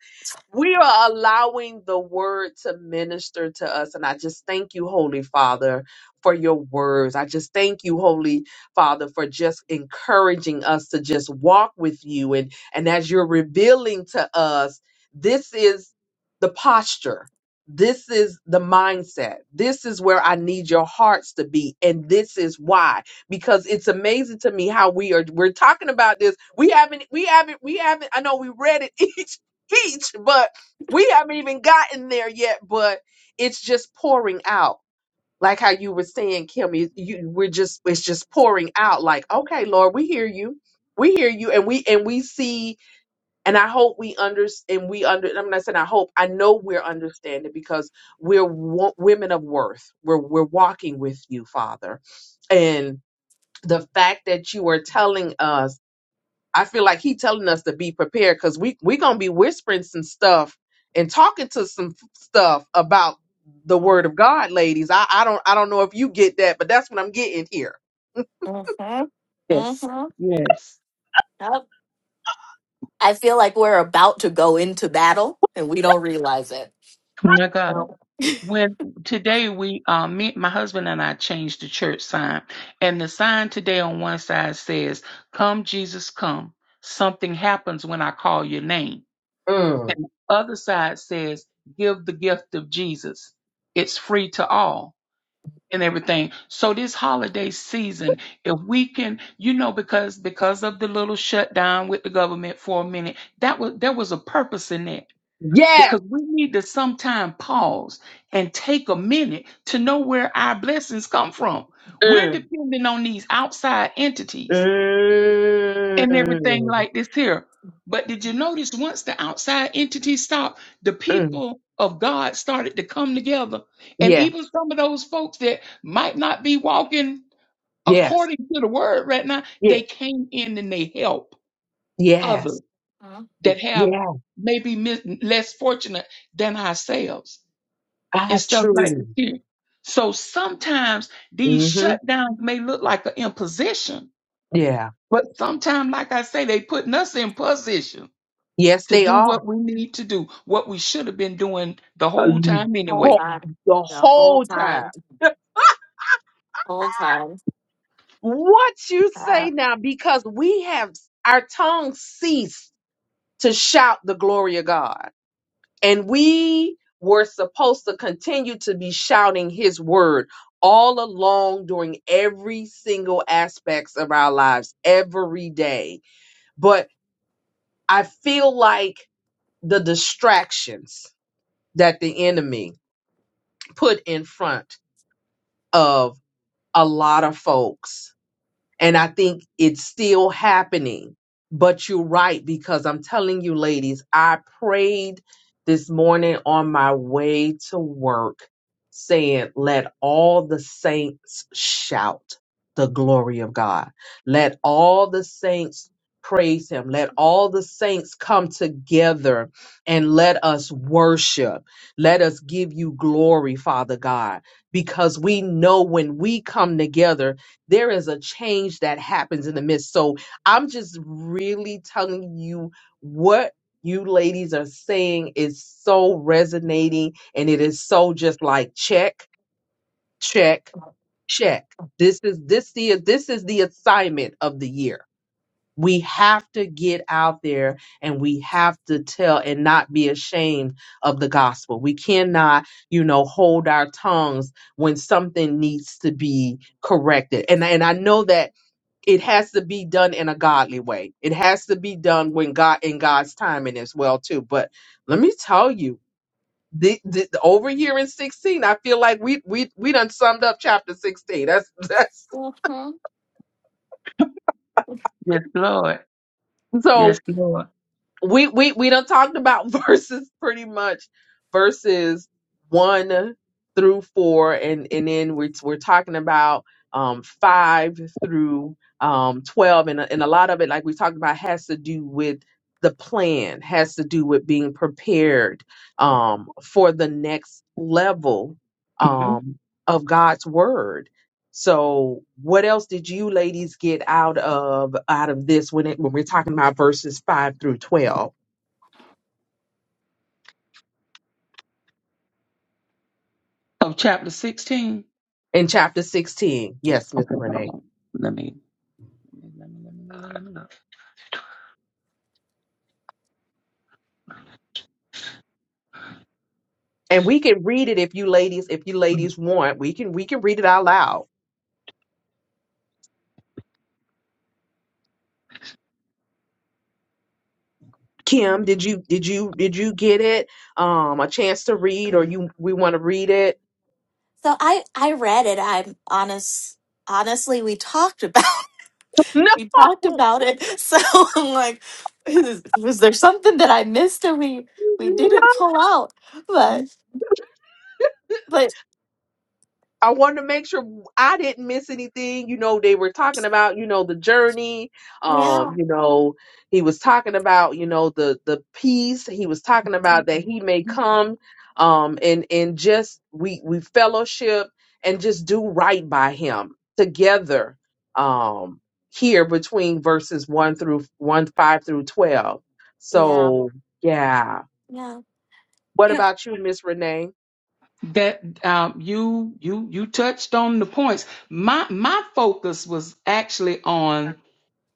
Speaker 1: we are allowing the word to minister to us. And I just thank you, Holy Father, for your words. I just thank you, Holy Father, for just encouraging us to just walk with you. And, and as you're revealing to us, this is the posture this is the mindset. This is where I need your hearts to be. And this is why. Because it's amazing to me how we are we're talking about this. We haven't we haven't we haven't I know we read it each each, but we haven't even gotten there yet. But it's just pouring out. Like how you were saying, Kim, you, you we're just it's just pouring out. Like, okay, Lord, we hear you. We hear you and we and we see and I hope we understand. We under. I'm not saying I hope. I know we're understanding because we're wo- women of worth. We're we're walking with you, Father, and the fact that you are telling us. I feel like he telling us to be prepared because we we gonna be whispering some stuff and talking to some f- stuff about the
Speaker 3: Mm-hmm.
Speaker 1: Word of God, ladies. I I don't I don't know if you get that, but that's what I'm getting here.
Speaker 2: yes
Speaker 3: Mm-hmm.
Speaker 2: yes
Speaker 3: Yep. I feel like we're about to go into battle and we don't realize it.
Speaker 2: my god
Speaker 3: Yep.
Speaker 2: when today we uh me my husband and i changed the church sign and the sign today on one side says come jesus come something happens when i call your name
Speaker 1: Mm.
Speaker 2: And the other side says, give the gift of Jesus. It's free to all and everything. So this holiday season, if we can, you know, because because of the little shutdown with the government for a minute, that was there was a purpose in that.
Speaker 1: Yes.
Speaker 2: Because we need to sometime pause and take a minute to know where our blessings come from. We're
Speaker 1: Mm.
Speaker 2: depending on these outside entities
Speaker 3: hmm
Speaker 2: and everything
Speaker 1: Mm.
Speaker 2: like this here. But did you notice once the outside entity stopped, the
Speaker 1: Mm.
Speaker 2: people of God started to come together. And
Speaker 1: Yes.
Speaker 2: even some of those folks that might not be walking
Speaker 1: Yes.
Speaker 2: according to the word right now,
Speaker 1: Yeah.
Speaker 2: they came in and they help
Speaker 1: Yes.
Speaker 2: others that have
Speaker 1: Yeah.
Speaker 2: maybe mis- less fortunate than ourselves and
Speaker 1: I
Speaker 2: stuff like
Speaker 1: truly.
Speaker 2: this here. So sometimes these
Speaker 1: hmm
Speaker 2: shutdowns may look like an imposition,
Speaker 1: Yeah.
Speaker 2: but sometimes, like I say, they putting us in position
Speaker 1: Yes,
Speaker 2: to
Speaker 1: they
Speaker 2: do
Speaker 1: are.
Speaker 2: what we need to do, what we should have been doing the whole
Speaker 1: Um,
Speaker 2: time
Speaker 3: Whole
Speaker 1: well,
Speaker 2: anyway.
Speaker 3: time.
Speaker 1: The
Speaker 3: Yeah, whole
Speaker 1: whole
Speaker 3: time.
Speaker 1: time.
Speaker 3: Whole time.
Speaker 1: What you
Speaker 3: Uh,
Speaker 1: say now? Because we have our tongue ceased to shout the glory of God, and we were supposed to continue to be shouting His word all along during every single aspects of our lives every day. But I feel like the distractions that the enemy put in front of a lot of folks and I think it's still happening. But you're right, because I'm telling you, ladies, I prayed this morning on my way to work, saying, Let all the saints shout the glory of God. Let all the saints praise him. Let all the saints come together and let us worship. Let us give you glory, Father God, because we know when we come together, there is a change that happens in the midst. So I'm just really telling you what you ladies are saying is so resonating and it is so just like check, check, check. This is this the this is the assignment of the year. We have to get out there and we have to tell and not be ashamed of the gospel. We cannot, you know, hold our tongues when something needs to be corrected. And and I know that it has to be done in a godly way. It has to be done when God in God's timing as well too. But let me tell you, the, the, the- over here in sixteen, I feel like we we we done summed up chapter sixteen. That's that's
Speaker 3: mhm.
Speaker 2: Yes, Lord.
Speaker 1: so.
Speaker 2: Yes, Lord.
Speaker 1: we we we done talked about verses pretty much verses one through four and and then we're we're talking about um five through um twelve and a- and a lot of it like we talked about has to do with the plan has to do with being prepared um for the next level
Speaker 2: hmm
Speaker 1: um of God's word so, what else did you ladies get out of out of this when it when we're talking about verses five through twelve
Speaker 2: Of chapter 16.
Speaker 1: in chapter sixteen? Yes, Miss
Speaker 2: Okay, hold
Speaker 1: Renee,
Speaker 2: on. Let me. Let me, let me, let me, let me.
Speaker 1: and we can read it if you ladies if you
Speaker 2: let me-
Speaker 1: ladies want. We can we can read it out loud. Kim, did you did you did you get it? Um, a chance to read, or you we want to read it?
Speaker 3: So I I read it. I'm honest. Honestly, we talked about we talked
Speaker 1: No,
Speaker 3: about it. So I'm like, is, was there something that I missed and we we didn't pull out?
Speaker 1: no.
Speaker 3: But but
Speaker 1: I wanted to make sure I didn't miss anything. You know, they were talking about, you know, the journey.
Speaker 3: yeah
Speaker 1: Um, you know, he was talking about, you know, the the peace. He was talking about that he may come um and and just we we fellowship and just do right by him together um here between verses 1 through 1 5 through 12.
Speaker 3: yeah
Speaker 1: So, yeah.
Speaker 3: yeah.
Speaker 1: What
Speaker 3: yeah.
Speaker 1: about you, Miss Renee?
Speaker 2: That um, you you you touched on the points. My my focus was actually on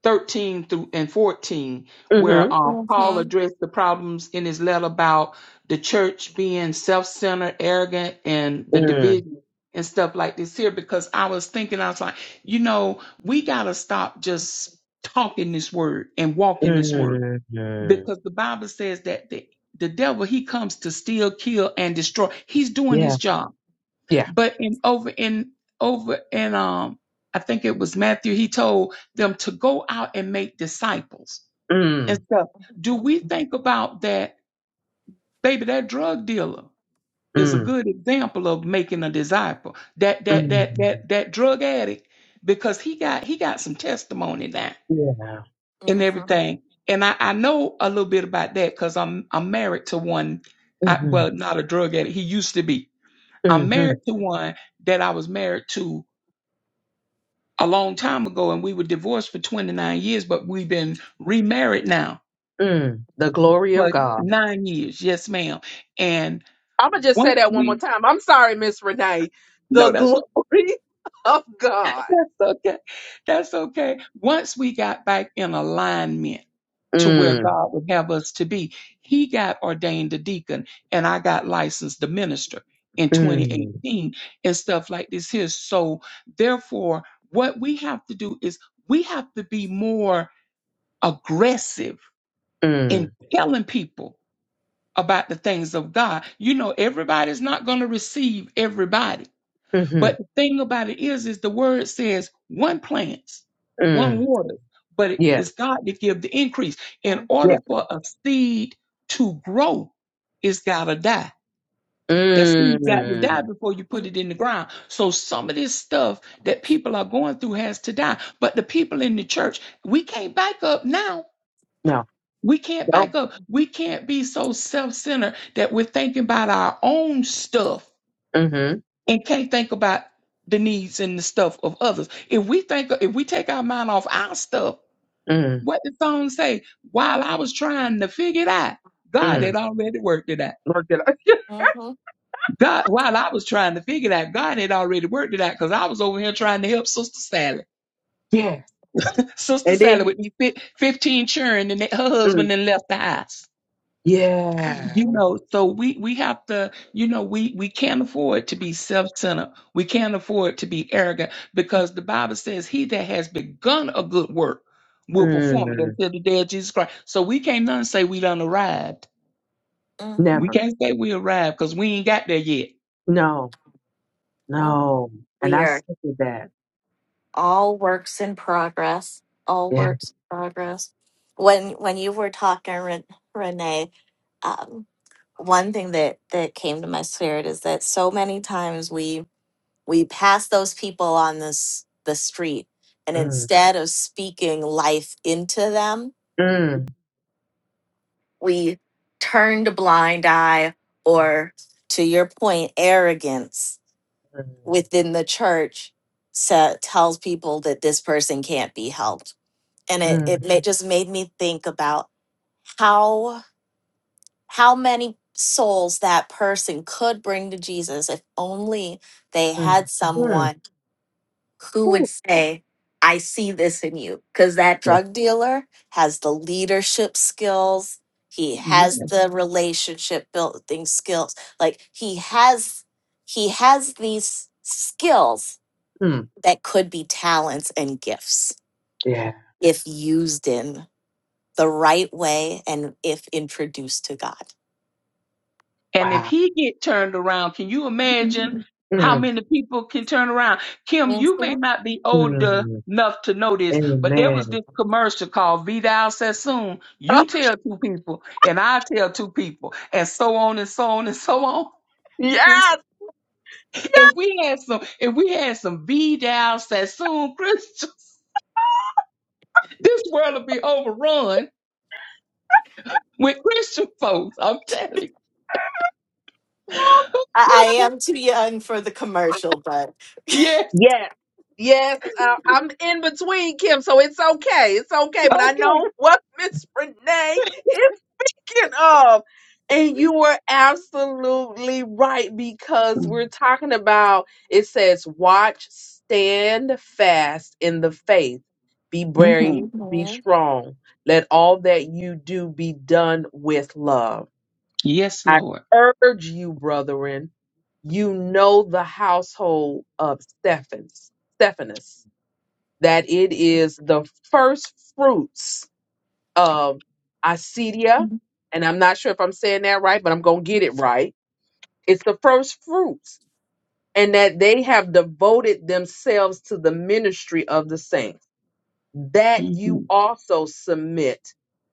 Speaker 2: 13 through and 14
Speaker 1: Mm
Speaker 2: where um, paul
Speaker 3: Mhm.
Speaker 2: addressed the problems in his letter about the church being self-centered arrogant and the
Speaker 1: Mhm.
Speaker 2: division and stuff like this here because i was thinking i was like you know we gotta stop just talking this word and walking this word
Speaker 1: Mm, hmm.
Speaker 2: because the bible says that the, the devil he comes to steal kill and destroy he's doing
Speaker 1: Yeah.
Speaker 2: his job
Speaker 1: Yeah.
Speaker 2: but in over in over in um I think it was Matthew, he told them to go out and make disciples and
Speaker 1: Mm,
Speaker 2: stuff. Do
Speaker 3: Mhm.
Speaker 2: we think about that, baby, that drug dealer is a
Speaker 1: mm,
Speaker 2: good example of making a disciple. That that that
Speaker 1: mm.
Speaker 2: that that drug addict, because he got he got some testimony now
Speaker 1: Yeah.
Speaker 2: and
Speaker 3: Mhm.
Speaker 2: everything. And I, I know a little bit about that because I'm I'm married to one I,
Speaker 1: hmm
Speaker 2: well, not a drug addict. He used to be. I'm
Speaker 1: hmm
Speaker 2: married to one that I was married to a long time ago and we were divorced for 29 years, but we've been remarried now
Speaker 1: Mm. The glory of
Speaker 2: for
Speaker 1: God.
Speaker 2: nine years. Yes, ma'am. And
Speaker 1: I'm going to just say
Speaker 2: once
Speaker 1: that one more
Speaker 2: we,
Speaker 1: time. I'm sorry, Miss Renee. The
Speaker 2: no, that's okay.
Speaker 1: glory of God.
Speaker 2: That's okay. That's okay. Once we got back in alignment to where
Speaker 1: Mm,
Speaker 2: God would have us to be, he got ordained a deacon and I got licensed the minister in
Speaker 1: mm,
Speaker 2: 2018 and stuff like this here. So therefore, what we have to do is we have to be more aggressive
Speaker 1: mm,
Speaker 2: in telling people about the things of God. You know, everybody's not going to receive everybody.
Speaker 1: mm-hmm,
Speaker 2: But the thing about it is, is the word says one plants, one
Speaker 1: mm.
Speaker 2: waters, but
Speaker 1: Yeah.
Speaker 2: it's God that give the increase. In
Speaker 1: Yeah.
Speaker 2: order for a seed to grow, it's got to die. That seed got to die
Speaker 1: Mm.
Speaker 2: before you put
Speaker 3: Mhm.
Speaker 2: it in the ground. So some of this stuff that people are going through has to die. But the people in the church, we can't back up now
Speaker 1: No.
Speaker 2: we can't
Speaker 1: No.
Speaker 2: back up. We can't be so self centered that we're thinking about our own stuff
Speaker 1: Mm-hmm.
Speaker 2: and can't think about the needs and the stuff of others. If we think, if we take our mind off our stuff,
Speaker 1: Mm.
Speaker 2: what the song say? While I was trying to figure it out, God
Speaker 1: Mm.
Speaker 2: had already worked it out.
Speaker 1: Lord, did I-
Speaker 2: God, while I was trying to figure it out, God had already worked it out because I was over here trying to help Sister Sally.
Speaker 1: yeah.
Speaker 2: Sister
Speaker 1: And
Speaker 2: Sally
Speaker 1: then,
Speaker 2: with me fif- 15 children and her
Speaker 1: mm,
Speaker 2: husband then left the house.
Speaker 1: yeah.
Speaker 2: You
Speaker 3: Mhm.
Speaker 2: know, so we we have to, you know, we we can't afford to be self-centered. We can't afford to be arrogant because the Bible says he that has begun a good work will perform it
Speaker 1: Mm.
Speaker 2: until the day of Jesus Christ. So we can't none say we done arrived. We
Speaker 1: Never.
Speaker 3: Mhm.
Speaker 2: can't say we arrived because we ain't got there yet.
Speaker 1: No.
Speaker 3: Yep.
Speaker 1: No. And
Speaker 3: We
Speaker 1: I
Speaker 3: are.
Speaker 1: said that.
Speaker 3: all works in progress all
Speaker 1: Yeah.
Speaker 3: works in progress when when you were talking Ren- renee um, one thing that that came to my spirit is that so many times we we pass those people on this the street and
Speaker 1: Mm.
Speaker 3: instead of speaking life into them
Speaker 1: Mm.
Speaker 3: we turned a blind eye or to your point arrogance
Speaker 1: Mm.
Speaker 3: within the church sa tells people that this person can't be helped and it it
Speaker 1: Mm.
Speaker 3: ma- just made me think about how how many souls that person could bring to Jesus if only they had
Speaker 1: Mm.
Speaker 3: someone who would
Speaker 1: Woo.
Speaker 3: say I see this in you because that
Speaker 1: Yeah.
Speaker 3: drug dealer has the leadership skills he has the relationship building skills like he has he has these skills
Speaker 1: Mm.
Speaker 3: that could be talents and gifts
Speaker 1: Yeah.
Speaker 3: if used in the right way and if introduced to God.
Speaker 2: And if
Speaker 1: Wow.
Speaker 2: he get turned around, can you imagine how
Speaker 1: Mm.
Speaker 2: many people can turn around? Kim,
Speaker 3: Yes,
Speaker 2: you may
Speaker 3: Lord.
Speaker 2: not be old
Speaker 1: Mm.
Speaker 2: enough to know this, but there was
Speaker 1: Amen.
Speaker 2: this commercial called Vidal Sassoon. You tell two people, and I tell two people, and so on and so on and so on.
Speaker 3: Yes,
Speaker 1: yes.
Speaker 2: If we had some, if we had some Vidal Sassoon Christians, this world would be overrun with Christian folks. I'm telling
Speaker 3: Lord.
Speaker 1: Oh,
Speaker 3: I, I
Speaker 2: you.
Speaker 3: am too young for the
Speaker 1: my-
Speaker 3: commercial, but
Speaker 2: yes.
Speaker 1: Yes. Yes. Uh, I'm in between Kim, so it's okay. It's okay. But I
Speaker 2: Okay.
Speaker 1: know what Miss Renee is thinking of. And you were absolutely right because we're talking about it says, watch, stand fast in the faith, be
Speaker 2: hmm
Speaker 1: brave, be
Speaker 3: hmm
Speaker 1: strong. Let all that you do be done with love.
Speaker 2: Yes,
Speaker 1: I
Speaker 2: Lord.
Speaker 1: urge you, brethren, you know the household of Stephanus, Stephanus, that it is the first fruits um, Acedia, and I'm not sure if I'm saying that right, but I'm going to get it right. It's the first fruits, and that they have devoted themselves to the ministry of the saints, that
Speaker 2: Mm-hmm.
Speaker 1: you also submit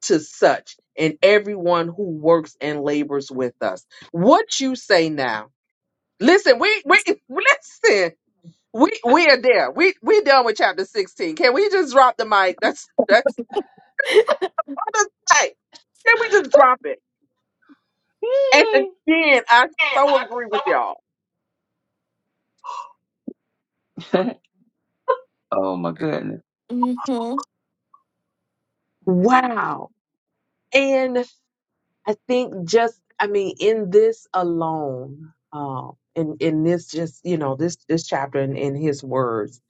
Speaker 1: to such and everyone who works and labors with us. What you say now? Listen, we, we, listen. We we are there. We we done with chapter sixteen. Can we just drop the mic? That's that's all that's right. Can we just drop it? And again, I so agree with y'all.
Speaker 2: oh my goodness.
Speaker 1: Wow. And I think just, I mean, in this alone, um, in, in this just, you know, this, this chapter in, in his words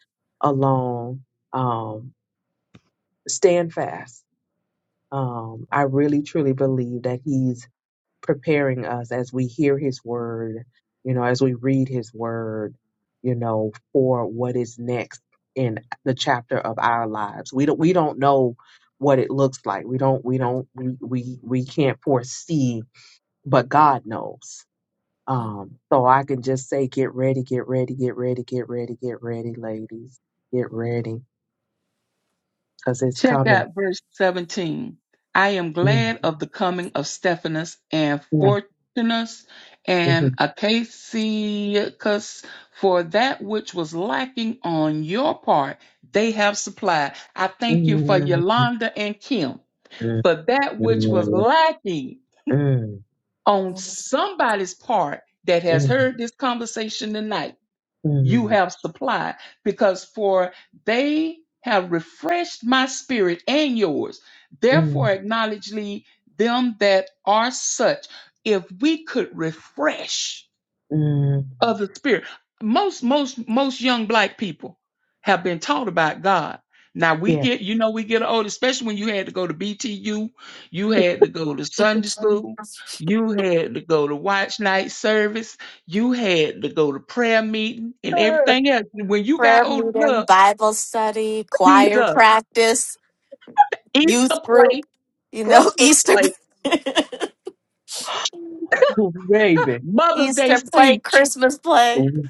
Speaker 1: alone, um, stand fast. Um, I really truly believe that he's preparing us as we hear his word, you know, as we read his word, you know, for what is next in the chapter of our lives. We don't we don't know what it looks like. We don't we don't we we, we can't foresee, but God knows. Um so I can just say get ready, get ready, get ready, get ready, get ready, ladies. Get ready cuz it's
Speaker 2: Check
Speaker 1: coming.
Speaker 2: out verse 17. I am
Speaker 1: Mm,
Speaker 2: glad of the coming of Stephanus and
Speaker 1: mm,
Speaker 2: Fortunus and
Speaker 1: mhm,
Speaker 2: Acacius, for that which was lacking on your part, they have supplied. I thank you for
Speaker 1: mm,
Speaker 2: Yolanda and Kim,
Speaker 1: mm,
Speaker 2: for that which was
Speaker 1: mm,
Speaker 2: lacking on somebody's part that has
Speaker 1: mm,
Speaker 2: heard this conversation tonight
Speaker 1: mm,
Speaker 2: you
Speaker 1: mm.
Speaker 2: have supplied because for they have refreshed my spirit and yours
Speaker 1: Mm,
Speaker 2: therefore acknowledge ye them that are such if we could refresh
Speaker 1: mm,
Speaker 2: of the spirit. Most, most, most young black people have been taught about God. Now we
Speaker 1: yeah.
Speaker 2: get, you know, we get old, especially when you had to go to BTU, you had to go to Sunday school, you had to go to watch night service, you had to go to prayer meeting and everything else. When you got
Speaker 3: prayer
Speaker 2: old
Speaker 3: meeting,
Speaker 2: enough,
Speaker 3: Bible study, choir
Speaker 2: Jesus,
Speaker 3: practice, youth
Speaker 2: Easter play,
Speaker 3: group, you know,
Speaker 2: Christmas
Speaker 3: Easter
Speaker 2: play,
Speaker 1: Uh, Baby,
Speaker 2: Mother's Day
Speaker 3: Easter play,
Speaker 2: speech,
Speaker 3: Christmas play.
Speaker 1: mm,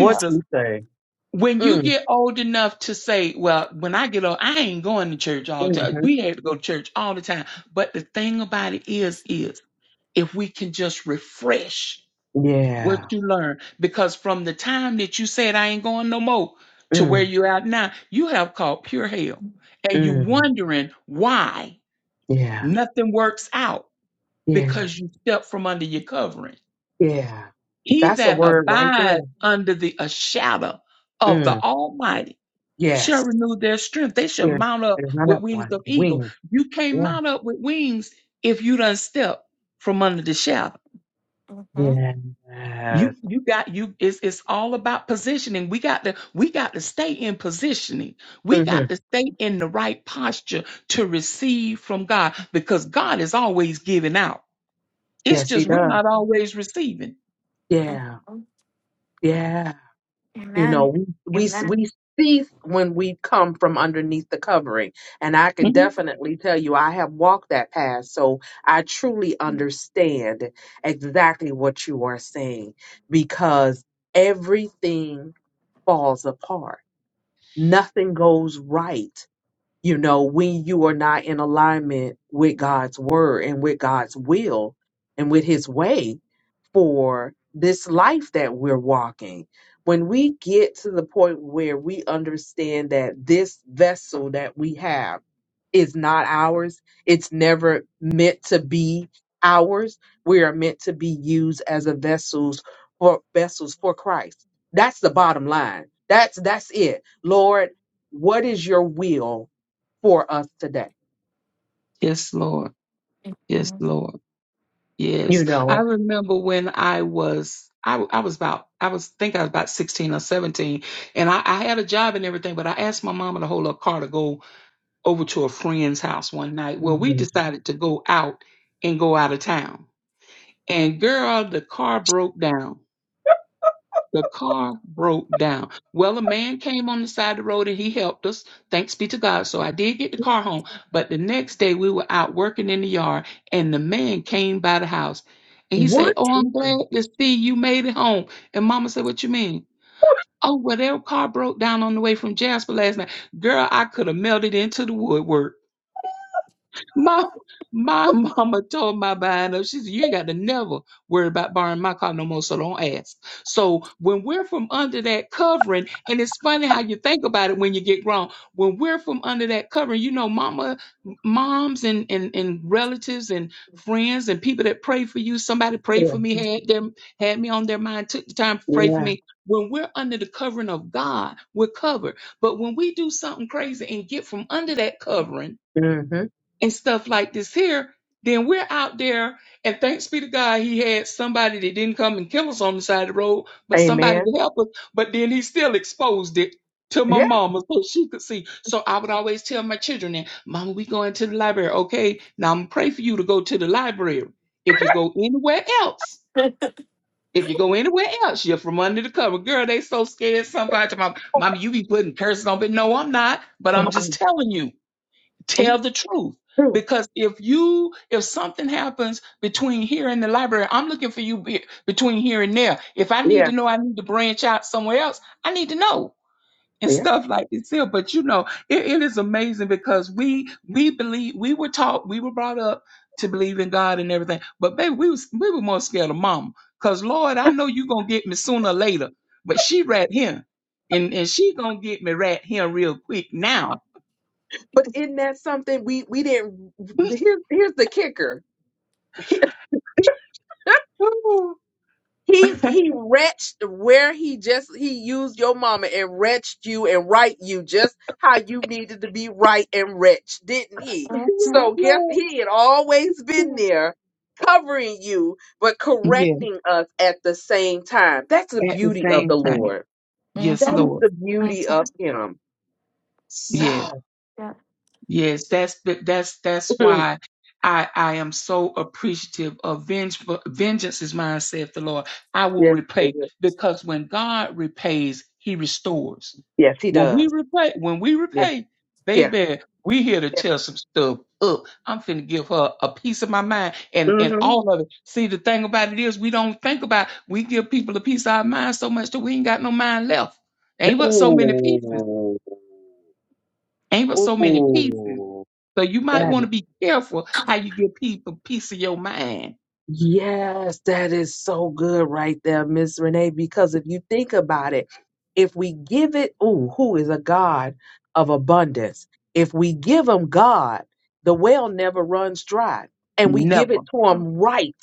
Speaker 3: Yeah.
Speaker 1: you say?
Speaker 2: when you
Speaker 1: Mm,
Speaker 2: get old enough to say, well, when I get old, I ain't going to church all the time.
Speaker 1: hmm
Speaker 2: We had to go to church all the time. But the thing about it is, is if we can just refresh what
Speaker 1: Yeah.
Speaker 2: you learn, because from the time that you said I ain't going no more to where
Speaker 1: Mm,
Speaker 2: you're at now, you have caught pure hell. And you
Speaker 1: mm,
Speaker 2: wondering why
Speaker 1: yeah.
Speaker 2: nothing works out
Speaker 1: Yeah.
Speaker 2: because you stepped from under your covering.
Speaker 1: Yeah.
Speaker 2: He
Speaker 1: That's a
Speaker 2: that
Speaker 1: word right there.
Speaker 2: abides under the a shadow of the
Speaker 1: Mm,
Speaker 2: Almighty shall
Speaker 1: yes.
Speaker 2: renew their strength. They shall
Speaker 1: There,
Speaker 2: mount up
Speaker 1: there's
Speaker 2: with
Speaker 1: another
Speaker 2: wings
Speaker 1: one.
Speaker 2: of eagle.
Speaker 1: Wing.
Speaker 2: You can't
Speaker 1: Yeah.
Speaker 2: mount up with wings if you done step from under the shadow.
Speaker 3: hmm
Speaker 1: yeah, Yes.
Speaker 2: You you got you it's it's all about positioning. We got to we got to stay in positioning. We
Speaker 1: hmm
Speaker 2: got to stay in the right posture to receive from God because God is always giving out. It's
Speaker 1: Yes, he
Speaker 2: just we're
Speaker 1: does.
Speaker 2: not always receiving.
Speaker 1: Yeah. Yeah. You know,
Speaker 3: Amen.
Speaker 1: we we
Speaker 3: Amen.
Speaker 1: we cease when we come from underneath the covering, and I can
Speaker 2: Mhm.
Speaker 1: definitely tell you I have walked that path, so I truly understand exactly what you are saying because everything falls apart. Nothing goes right. You know, when you are not in alignment with God's word and with God's will and with his way, for this life that we're walking. When we get to the point where we understand that this vessel that we have is not ours, it's never meant to be ours. We are meant to be used as a vessels for vessels for Christ. That's the bottom line. That's that's it. Lord, what is your will for us today?
Speaker 2: Yes, Lord. Yes,
Speaker 3: Mhm.
Speaker 2: Lord. Yes.
Speaker 1: You
Speaker 2: I
Speaker 1: know,
Speaker 2: remember when I was I, I was about I was think I was about 16 or 17 and I, I had a job and everything, but I asked my mama to hold her car to go over to a friend's house one night. Well, we
Speaker 1: Mhm.
Speaker 2: decided to go out and go out of town. And girl, the car broke down. The car broke down. Well, a man came on the side of the road and he helped us. Thanks be to God. So I did get the car home. But the next day we were out working in the yard and the man came by the house and he said,
Speaker 1: what
Speaker 2: Oh,
Speaker 1: you
Speaker 2: I'm glad to see you made it home. And mama said, What you mean? Oh, well, their car broke down on the way from Jasper last night. Girl, I could have melted into the woodwork. My my mama told my behind up. She said, You ain't got to never worry about borrowing my car no more, so don't ask. So when we're from under that covering, and it's funny how you think about it when you get grown. When we're from under that covering, you know, mama moms and, and, and relatives and friends and people that pray for you, somebody prayed
Speaker 1: yeah,
Speaker 2: for me, had them had me on their mind, took the time to pray for
Speaker 1: yeah.
Speaker 2: me. When we're under the covering of God, we're covered. But when we do something crazy and get from under that covering,
Speaker 1: hmm
Speaker 2: and stuff like this here, then we're out there. And thanks be to God, he had somebody that didn't come and kill us on the side of the road, but somebody
Speaker 1: Amen.
Speaker 2: to help us. But then he still exposed it to my mama so she could see. So I would always tell my children that, Mama, we going to the library. Okay, now I'm going to pray for you to go to the library. If you go anywhere else, if you go anywhere else, you're from under the cover. Girl, they so scared. Somebody to my mama, you be putting curses on me. No, I'm not. But I'm just telling you tell the truth
Speaker 1: True.
Speaker 2: because if you if something happens between here and the library i'm looking for you be- between here and there if i need
Speaker 1: yeah,
Speaker 2: to know i need to branch out somewhere else i need to know and
Speaker 1: yeah.
Speaker 2: stuff like this here but you know it, it is amazing because we we believe we were taught we were brought up to believe in god and everything but baby we was we were more scared of Mama, because lord i know you gonna get me sooner or later but she rat him and and she gonna get me rat him real quick now
Speaker 1: But isn't that something we we didn't. Here's here's the kicker.
Speaker 2: Woo.
Speaker 1: He he wretched where he just he used your mama and wretched you and right you just how you needed to be right and wretched, didn't he?
Speaker 2: Yes,
Speaker 3: Mm-hmm.
Speaker 1: So guess
Speaker 2: Lord.
Speaker 1: he had always been there covering you but
Speaker 2: Yes.
Speaker 1: correcting us at the same time. That's the
Speaker 2: at the
Speaker 1: beauty of
Speaker 2: same
Speaker 1: the
Speaker 2: time.
Speaker 1: Lord.
Speaker 2: Yes,
Speaker 1: That
Speaker 3: Mm-hmm.
Speaker 1: is
Speaker 2: Lord.
Speaker 1: the beauty
Speaker 3: Mm-hmm.
Speaker 1: of him.
Speaker 3: Yep.
Speaker 2: Yes.
Speaker 1: So
Speaker 3: Yep.
Speaker 2: Yes, that's but that's that's why I I am so appreciative of vengeful vengeance is mine, saith the Lord. I will
Speaker 1: yes, it
Speaker 2: repay
Speaker 1: is.
Speaker 2: because when God repays, He restores.
Speaker 1: Yes, he
Speaker 2: When we
Speaker 1: does.
Speaker 2: repay, when we
Speaker 1: Yeah.
Speaker 2: repay,
Speaker 1: Yeah.
Speaker 2: baby, we here to
Speaker 1: yeah.
Speaker 2: tell some stuff up. I'm finna give her a piece of my mind and and
Speaker 1: Mm-hmm.
Speaker 2: all of it. See, the thing about it is, we don't think about. We give people a piece of our mind so much that we ain't got no mind left. Ain't but so many pieces.
Speaker 1: Ooh.
Speaker 2: Ain't but so many pieces.
Speaker 1: Ooh.
Speaker 2: So you might
Speaker 1: That
Speaker 2: want to be careful how you give people peace of your mind.
Speaker 1: Yes, that is so good right there, Miss Renee. Because if you think about it, if we give it, ooh, who is a God of abundance? If we give him God, the well never runs dry. And we give
Speaker 2: Never.
Speaker 1: it to him right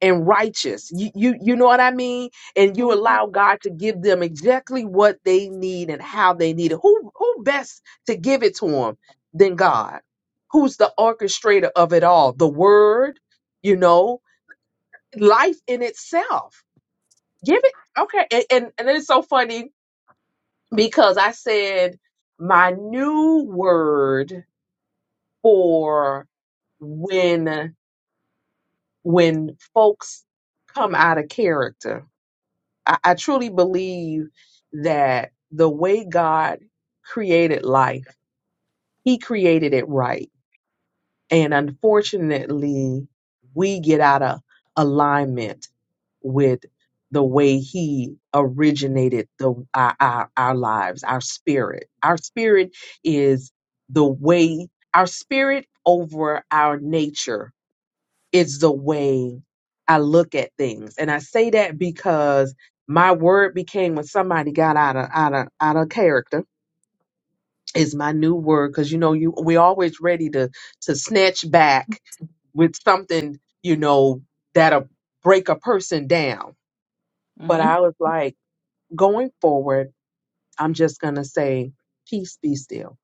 Speaker 1: and righteous. You, you, you know what I mean? And you allow
Speaker 3: Mm-hmm.
Speaker 1: God to give them exactly what they need and how they need it. Who, who best to give it to them than God? Who's the orchestrator of it all? The word, you know, life in itself. Give it okay. And and, and it's so funny because I said my new word for when when folks come out of character. I, I truly believe that the way God created life, He created it right And unfortunately, we get out of alignment with the way he originated the our, our, our lives, our spirit. Our spirit is the way our spirit over our nature is the way I look at things. And I say that because my word became when somebody got out of out of out of character is my new word because you know you we're always ready to to snatch back with something you know that'll break a person down but
Speaker 2: hmm
Speaker 1: i was like going forward i'm just gonna say peace be still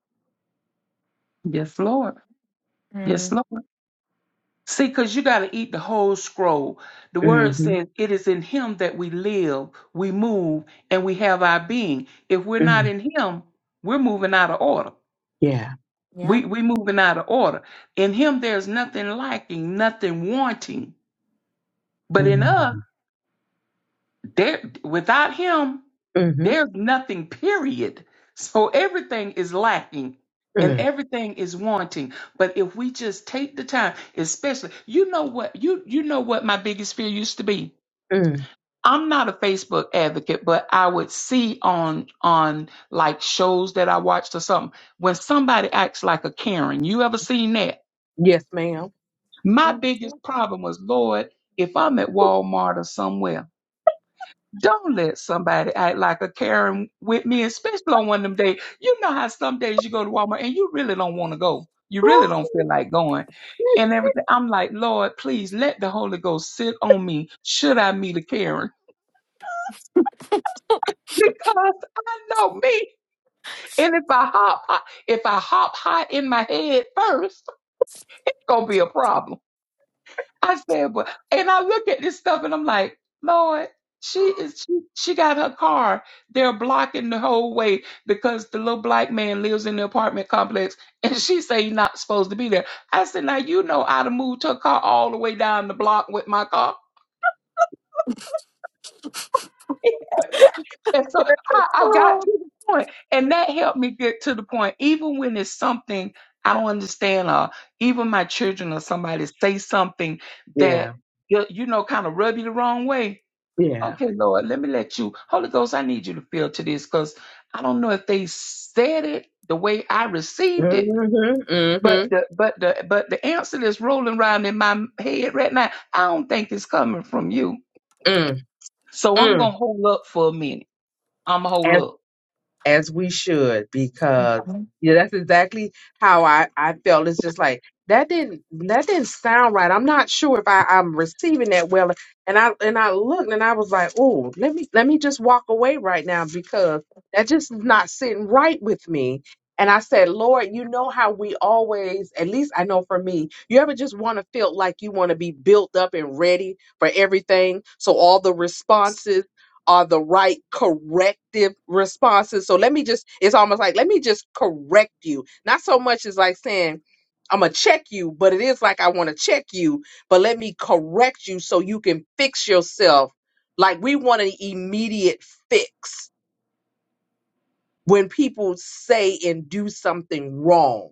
Speaker 2: Yes, Lord. Yes, Lord. See, because you got to eat the whole scroll. The word
Speaker 1: mm-hmm,
Speaker 2: says, It is in Him that we live, we move, and we have our being. If we're not
Speaker 1: mm
Speaker 2: in Him, we're moving out of order.
Speaker 1: yeah
Speaker 3: Yeah.
Speaker 2: We, we moving out of order. In Him, there's nothing lacking, nothing wanting. But in us,
Speaker 1: mm-hmm,
Speaker 2: there without him
Speaker 1: mm,
Speaker 2: there's nothing period so everything is lacking and
Speaker 1: mm,
Speaker 2: everything is wanting but if we just take the time especially you know what you you know what my biggest fear used to be
Speaker 1: mm.
Speaker 2: i'm not a facebook advocate but i would see on on like shows that i watched or something when somebody acts like a karen you ever seen that
Speaker 1: yes ma'am
Speaker 2: my
Speaker 3: Mhm.
Speaker 2: biggest problem was lord if i'm at walmart or somewhere Don't let somebody act like a Karen with me, especially on one of them days. You know how some days you go to Walmart and you really don't want to go. You really don't feel like going. And everything. I'm like, Lord, please let the Holy Ghost sit on me should I meet a Karen. Because I know me. And if I hop if I hop high in my head first, it's gonna be a problem. I said, but and I look at this stuff and I'm like, Lord, she is she, she got her car. They're blocking the whole way because the little black man lives in the apartment complex and she say he's not supposed to be there. I said, now you know I'd have moved her car all the way down the block with my car. and so I, I got
Speaker 3: Oh.
Speaker 2: to the point, and that helped me get to the point. Even when it's something I don't understand, or even my children or somebody say something that
Speaker 1: yeah
Speaker 2: you you know kind of rub you the wrong way.
Speaker 1: yeah
Speaker 2: Okay, Lord, let me let you, Holy Ghost, I need you to feel to this because I don't know if they said it the way I received it.
Speaker 1: mm-hmm,
Speaker 2: But
Speaker 1: mm-hmm,
Speaker 2: the but the but the answer that's rolling around in my head right now, I don't think it's coming from you.
Speaker 1: mm,
Speaker 2: So I'm gonna hold up for a minute. I'm gonna hold
Speaker 1: mm.
Speaker 2: up.
Speaker 1: as we should because
Speaker 3: Mhm.
Speaker 1: yeah that's exactly how i i felt it's just like that didn't that didn't sound right i'm not sure if i i'm receiving that well and i and i looked and i was like oh let me let me just walk away right now because that just is not sitting right with me and i said lord you know how we always at least i know for me you ever just want to feel like you want to be built up and ready for everything so all the responses are the right corrective responses. So let me just, it's almost like, let me just correct you. Not so much as like saying, I'm going to check you, but it is like, I want to check you, but let me correct you so you can fix yourself. Like we want an immediate fix when people say and do something wrong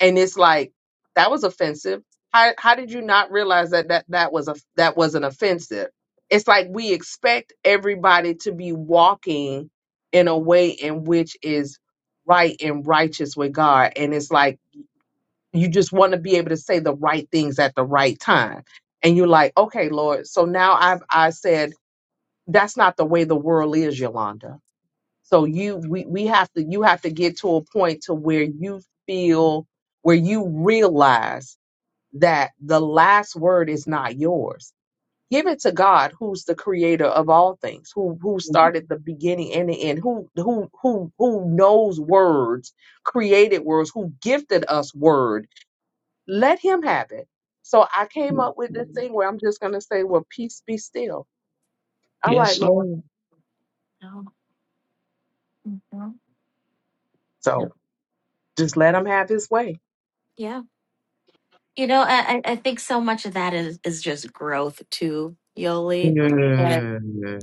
Speaker 1: and it's like that was offensive how how did you not realize that that that was a that wasn't offensive it's like we expect everybody to be walking in a way in which is right and righteous with God and it's like you just want to be able to say the right things at the right time and you're like okay lord so now I've I said that's not the way the world is Yolanda so you we, we have to you have to get to a point to where you feel where you realize that the last word is not yours. Give it to God who's the creator of all things, who who started the beginning and the end, who who who who knows words, created words, who gifted us word. Let him have it. So I came up with this thing where I'm just gonna say, Well, peace be still. All right,
Speaker 2: Yes,
Speaker 1: Lord.
Speaker 2: Lord.
Speaker 3: No. Mhm. Yeah.
Speaker 1: So just let him have his way.
Speaker 3: Yeah. You know, I, I I think so much of that is, is just growth too, Yoli. Yeah.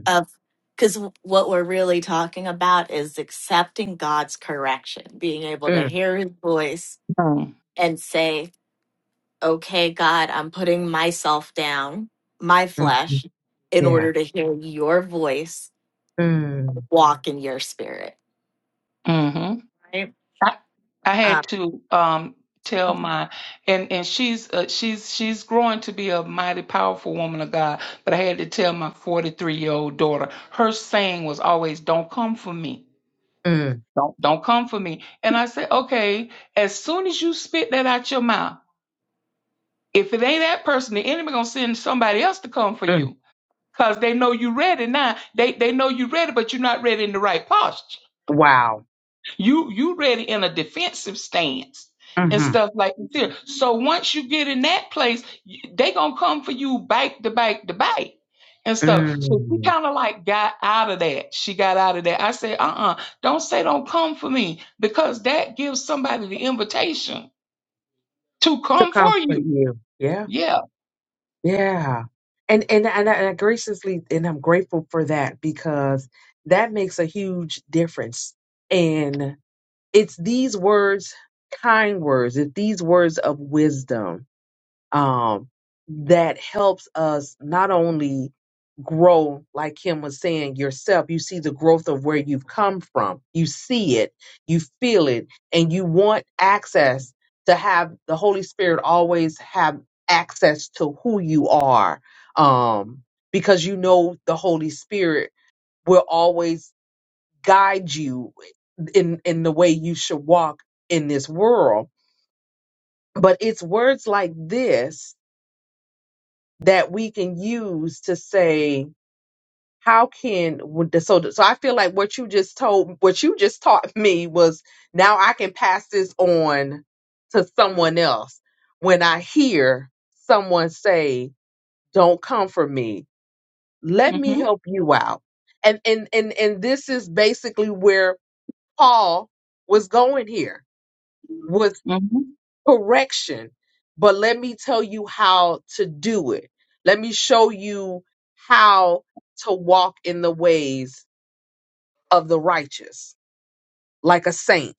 Speaker 3: Of because what we're really talking about is accepting God's correction, being able to
Speaker 1: Mm,
Speaker 3: hear his voice and say, Okay, God, I'm putting myself down, my
Speaker 1: mm, mm,
Speaker 3: flesh, in
Speaker 1: yeah.
Speaker 3: order to hear your voice,
Speaker 1: Mm,
Speaker 3: walk in your spirit.
Speaker 2: Mm-hmm.
Speaker 3: Right.
Speaker 2: I, I had to um tell my and and she's uh, she's she's growing to be a mighty powerful woman of God, but I had to tell my 43 year old daughter. Her saying was always, "Don't come for me."
Speaker 1: mm,
Speaker 2: Don't don't come for me. And I said, okay. As soon as you spit that out your mouth, if it ain't that person, the enemy gonna send somebody else to come for
Speaker 1: mm.
Speaker 2: you, cause they know you ready now. They they know you ready, but you're not ready in the right posture.
Speaker 1: Wow.
Speaker 2: You you ready in a defensive stance and
Speaker 1: Mm-hmm.
Speaker 2: stuff like that. So once you get in that place, y- they gonna come for you bite the bite the bite and stuff. So she
Speaker 1: Mm.
Speaker 2: kind of like got out of that. She got out of that. I said, uh-uh, don't say don't come for me because that gives somebody the invitation to
Speaker 1: To
Speaker 2: come for
Speaker 1: comfort
Speaker 2: you.
Speaker 1: you. Yeah.
Speaker 2: Yeah.
Speaker 1: Yeah. And and and I, and I graciously and I'm grateful for that because that makes a huge difference. And it's these words, kind words, it's these words of wisdom um, that helps us not only grow, like Kim was saying yourself, you see the growth of where you've come from, you see it, you feel it, and you want access to have the Holy Spirit always have access to who you are um, because you know the Holy Spirit will always guide you in in the way you should walk in this world but it's words like this that we can use to say how can would the- so so I feel like what you just told what you just taught me was now I can pass this on to someone else when I hear someone say don't come for me let me
Speaker 2: hmm
Speaker 1: help you out and and and and this is basically where Paul was going here
Speaker 2: hmm
Speaker 1: correction, but let me tell you how to do it. Let me show you how to walk in the ways of the righteous, like a saint.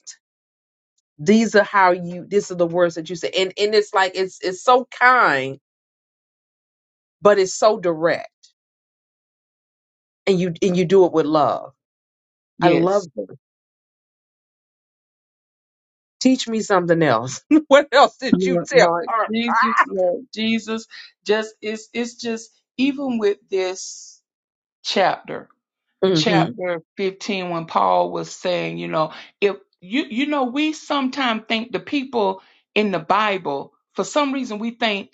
Speaker 1: These are how you. These are the words that you say, and and it's like it's it's so kind, but it's so direct, and you and you do it with love. I
Speaker 2: Yes.
Speaker 1: love you. Teach me something else. what else did you
Speaker 2: Lord,
Speaker 1: tell?
Speaker 2: Lord
Speaker 1: her?
Speaker 2: Jesus,
Speaker 1: Ah!
Speaker 2: Lord Jesus. Just it's it's just even with this chapter
Speaker 1: Mm-hmm.
Speaker 2: chapter 15 when Paul was saying, you know, if you you know we sometimes think the people in the Bible for some reason we think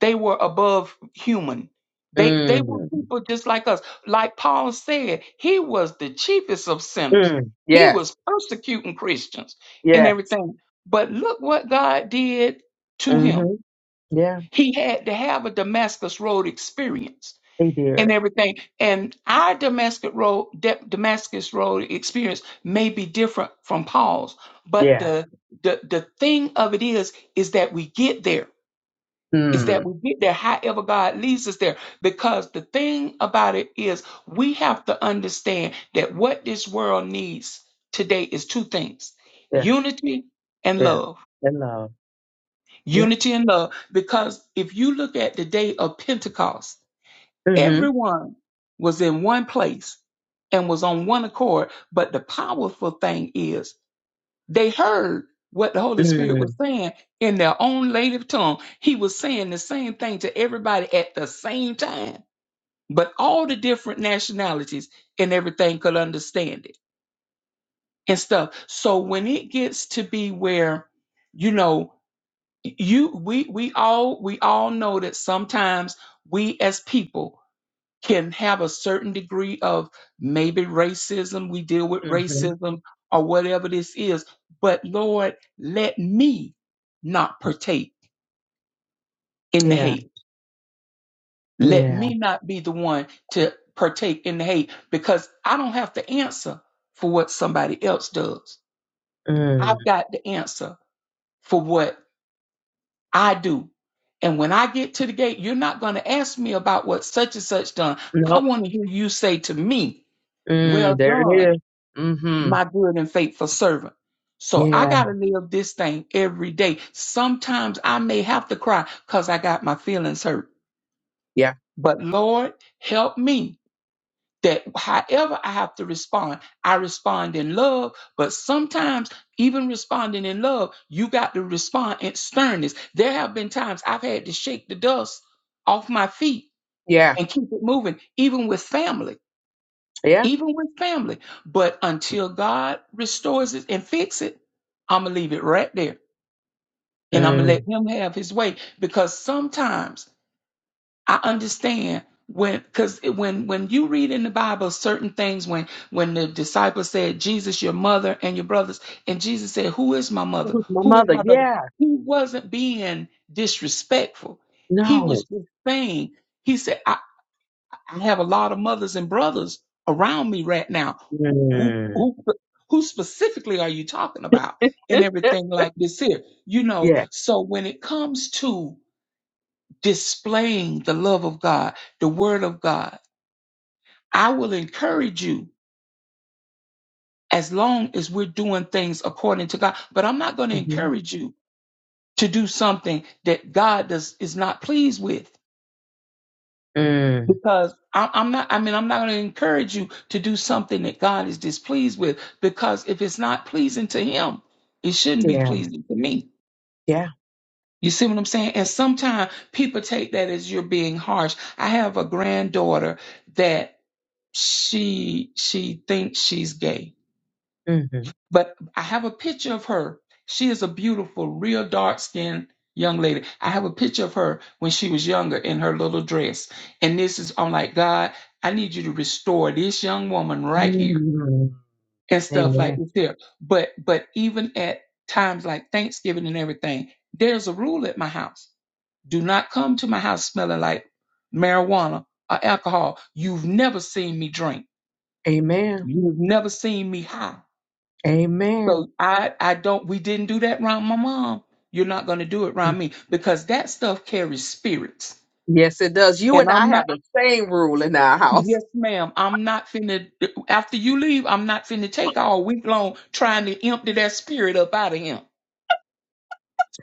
Speaker 2: they were above human. They they were
Speaker 1: Mm.
Speaker 2: people just like us. Like Paul said, he was the chiefest of sinners.
Speaker 1: Mm.
Speaker 2: He
Speaker 1: Yes.
Speaker 2: was persecuting Christians and
Speaker 1: Yes.
Speaker 2: everything. But look what God did to him.
Speaker 1: Mm-hmm. Yeah.
Speaker 2: He had to have a Damascus Road experience
Speaker 1: They did.
Speaker 2: and everything. And our Damascus Road, Da- Damascus Road experience may be different from Paul's, but
Speaker 1: Yeah.
Speaker 2: the the the thing of it is, is that we get there. Is that
Speaker 1: Hmm.
Speaker 2: we get there, however God leads us there. Because the thing about it is, we have to understand that what this world needs today is two things:
Speaker 1: Yeah.
Speaker 2: unity and
Speaker 1: Yeah.
Speaker 2: love.
Speaker 1: And love. Yeah.
Speaker 2: Unity and love. Because if you look at the day of Pentecost.
Speaker 1: Mm-hmm.
Speaker 2: Everyone was in one place and was on one accord. But the powerful thing is they heard what the Holy Spirit was
Speaker 1: Mm.
Speaker 2: saying in their own native tongue. He was saying the same thing to everybody at the same time, but all the different nationalities and everything could understand it and stuff. So when it gets to be where, you know, you we we all we all know that sometimes we as people can have a certain degree of maybe racism, we deal with
Speaker 1: Mm-hmm.
Speaker 2: racism or whatever this is, but Lord, let me not partake in the
Speaker 1: Yeah.
Speaker 2: hate. Let
Speaker 1: Yeah.
Speaker 2: me not be the one to partake in the hate because I don't have to answer for what somebody else does.
Speaker 1: Mm.
Speaker 2: I've got the answer for what I do. And when I get to the gate, you're not going to ask me about what such and such done. I
Speaker 1: Nope.
Speaker 2: want to hear you say to me, well
Speaker 1: Mm. There it
Speaker 2: done
Speaker 1: is. Mm-hmm.
Speaker 2: my good and faithful servant. So I
Speaker 1: Yeah.
Speaker 2: got to live this thing every day. Sometimes I may have to cry because I got my feelings hurt.
Speaker 1: Yeah.
Speaker 2: But Lord, help me that however I have to respond, I respond in love. But sometimes, even responding in love, you got to respond in sternness. There have been times I've had to shake the dust off my feet
Speaker 1: Yeah.
Speaker 2: and keep it moving, even with family
Speaker 1: Yeah.
Speaker 2: even with family. But until God restores it and fix it, I'm gonna leave it right there, and I'm gonna
Speaker 1: Mm.
Speaker 2: let Him have His way. Because sometimes I understand when, because when when you read in the Bible certain things, when when the disciples said, "Jesus, your mother and your brothers," and Jesus said, "Who is my
Speaker 1: It
Speaker 2: mother?
Speaker 1: was my
Speaker 2: Who is
Speaker 1: mother.
Speaker 2: my brother?"
Speaker 1: Yeah.
Speaker 2: He wasn't being disrespectful. He
Speaker 1: No.
Speaker 2: was just saying. He said. I have a lot of mothers and brothers around me right now. Who,
Speaker 1: Mm.
Speaker 2: who, who, who specifically are you talking about and everything like this here? You know,
Speaker 1: yeah.
Speaker 2: so when it comes to displaying the love of God, the word of God, I will encourage you as long as we're doing things according to God, but I'm not going to
Speaker 1: Mm-hmm.
Speaker 2: encourage you to do something that God does, is not pleased with.
Speaker 1: Mm.
Speaker 2: because I, I'm not. I mean, I'm not going to encourage you to do something that God is displeased with. Because if it's not pleasing to Him, it shouldn't be
Speaker 1: Yeah.
Speaker 2: pleasing to me.
Speaker 1: Yeah.
Speaker 2: You see what I'm saying? And sometimes people take that as you're being harsh. I have a granddaughter that she she thinks she's gay
Speaker 1: Mm-hmm.
Speaker 2: but I have a picture of her. She is a beautiful, real dark skinned young lady. I have a picture of her when she was younger in her little dress. And this is, I'm like, God, I need you to restore this young woman right here
Speaker 1: mm
Speaker 2: and stuff like
Speaker 1: Amen.
Speaker 2: this here. But, but even at times like Thanksgiving and everything, there's a rule at my house. Do not come to my house smelling like marijuana or alcohol. You've never seen me drink.
Speaker 1: Amen.
Speaker 2: You've never seen me high.
Speaker 1: Amen.
Speaker 2: So I, I don't, we didn't do that around my mom. You're not going to do it around me because that stuff carries spirits.
Speaker 1: Yes, it does. You
Speaker 2: And
Speaker 1: and I
Speaker 2: I'm
Speaker 1: have
Speaker 2: not,
Speaker 1: the same rule in our house.
Speaker 2: yes, ma'am, I'm not finna, after you leave, I'm not finna take all week long trying to empty that spirit up out of him.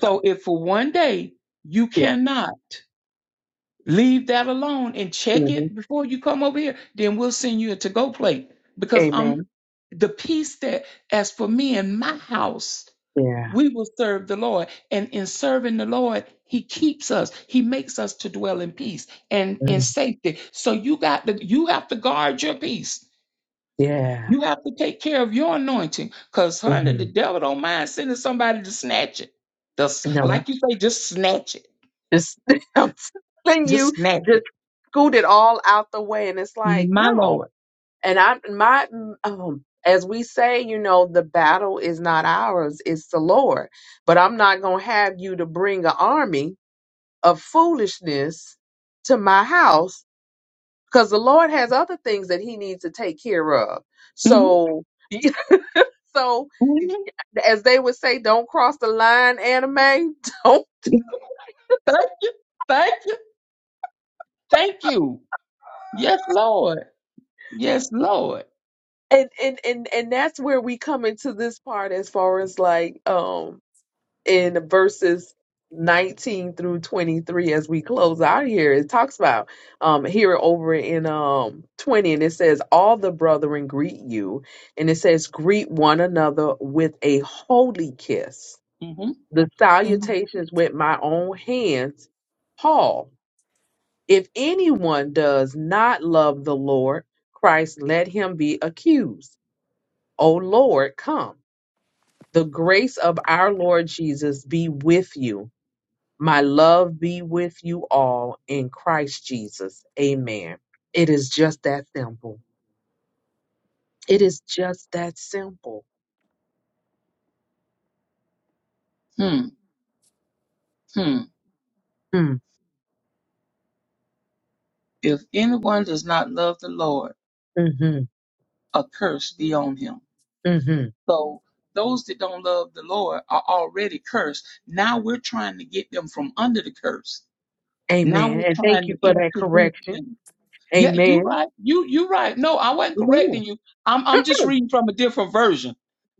Speaker 2: So if for one day you
Speaker 1: Yeah.
Speaker 2: cannot leave that alone and check
Speaker 1: hmm
Speaker 2: it before you come over here, then we'll send you a to go plate because I'm
Speaker 1: Amen.
Speaker 2: the peace that, as for me in my house,
Speaker 1: Yeah.
Speaker 2: we will serve the Lord. And in serving the Lord, He keeps us. He makes us to dwell in peace and in
Speaker 1: Mm.
Speaker 2: safety. So you got to you have to guard your peace.
Speaker 1: Yeah.
Speaker 2: You have to take care of your anointing. Cause honey, the
Speaker 1: Mm.
Speaker 2: devil don't mind sending somebody to snatch it. Just
Speaker 1: No,
Speaker 2: like you say, just snatch it.
Speaker 1: just I'm telling you,
Speaker 2: Just snatch
Speaker 1: just
Speaker 2: it.
Speaker 1: scoot it all out the way, and it's like
Speaker 2: My
Speaker 1: no.
Speaker 2: Lord.
Speaker 1: And I, my, um, as we say, you know, the battle is not ours; it's the Lord. But I'm not gonna have you to bring an army of foolishness to my house because the Lord has other things that He needs to take care of.
Speaker 2: Mhm,
Speaker 1: So. So,
Speaker 2: mhm.
Speaker 1: as they would say, don't cross the line, anime. Don't.
Speaker 2: Thank you. Thank you. Thank you. Yes, Lord. Yes, Lord.
Speaker 1: And, and and and that's where we come into this part as far as like um in verses 19 through 23 as we close out here it talks about um here over in um 20 and it says all the brethren greet you and it says greet one another with a holy kiss
Speaker 2: Mm-hmm.
Speaker 1: the salutations with my own hands Paul If anyone does not love the Lord, Christ, let him be accused. O Lord, come. The grace of our Lord Jesus be with you. My love be with you all in Christ Jesus. Amen. It is just that simple. It is just that simple.
Speaker 2: hmm Hmm.
Speaker 1: Mm,
Speaker 2: If anyone does not love the Lord,
Speaker 1: hmm
Speaker 2: a curse be on him.
Speaker 1: hmm
Speaker 2: So those that don't love the Lord are already cursed. Now we're trying to get them from under the curse. Now
Speaker 1: Amen.
Speaker 2: we're
Speaker 1: And thank
Speaker 2: trying
Speaker 1: you
Speaker 2: to
Speaker 1: for that
Speaker 2: introduce
Speaker 1: correction.
Speaker 2: them. Yeah, you
Speaker 1: Amen.
Speaker 2: right. You you right. No, I wasn't
Speaker 1: Amen.
Speaker 2: correcting you. I'm I'm just reading from a different version.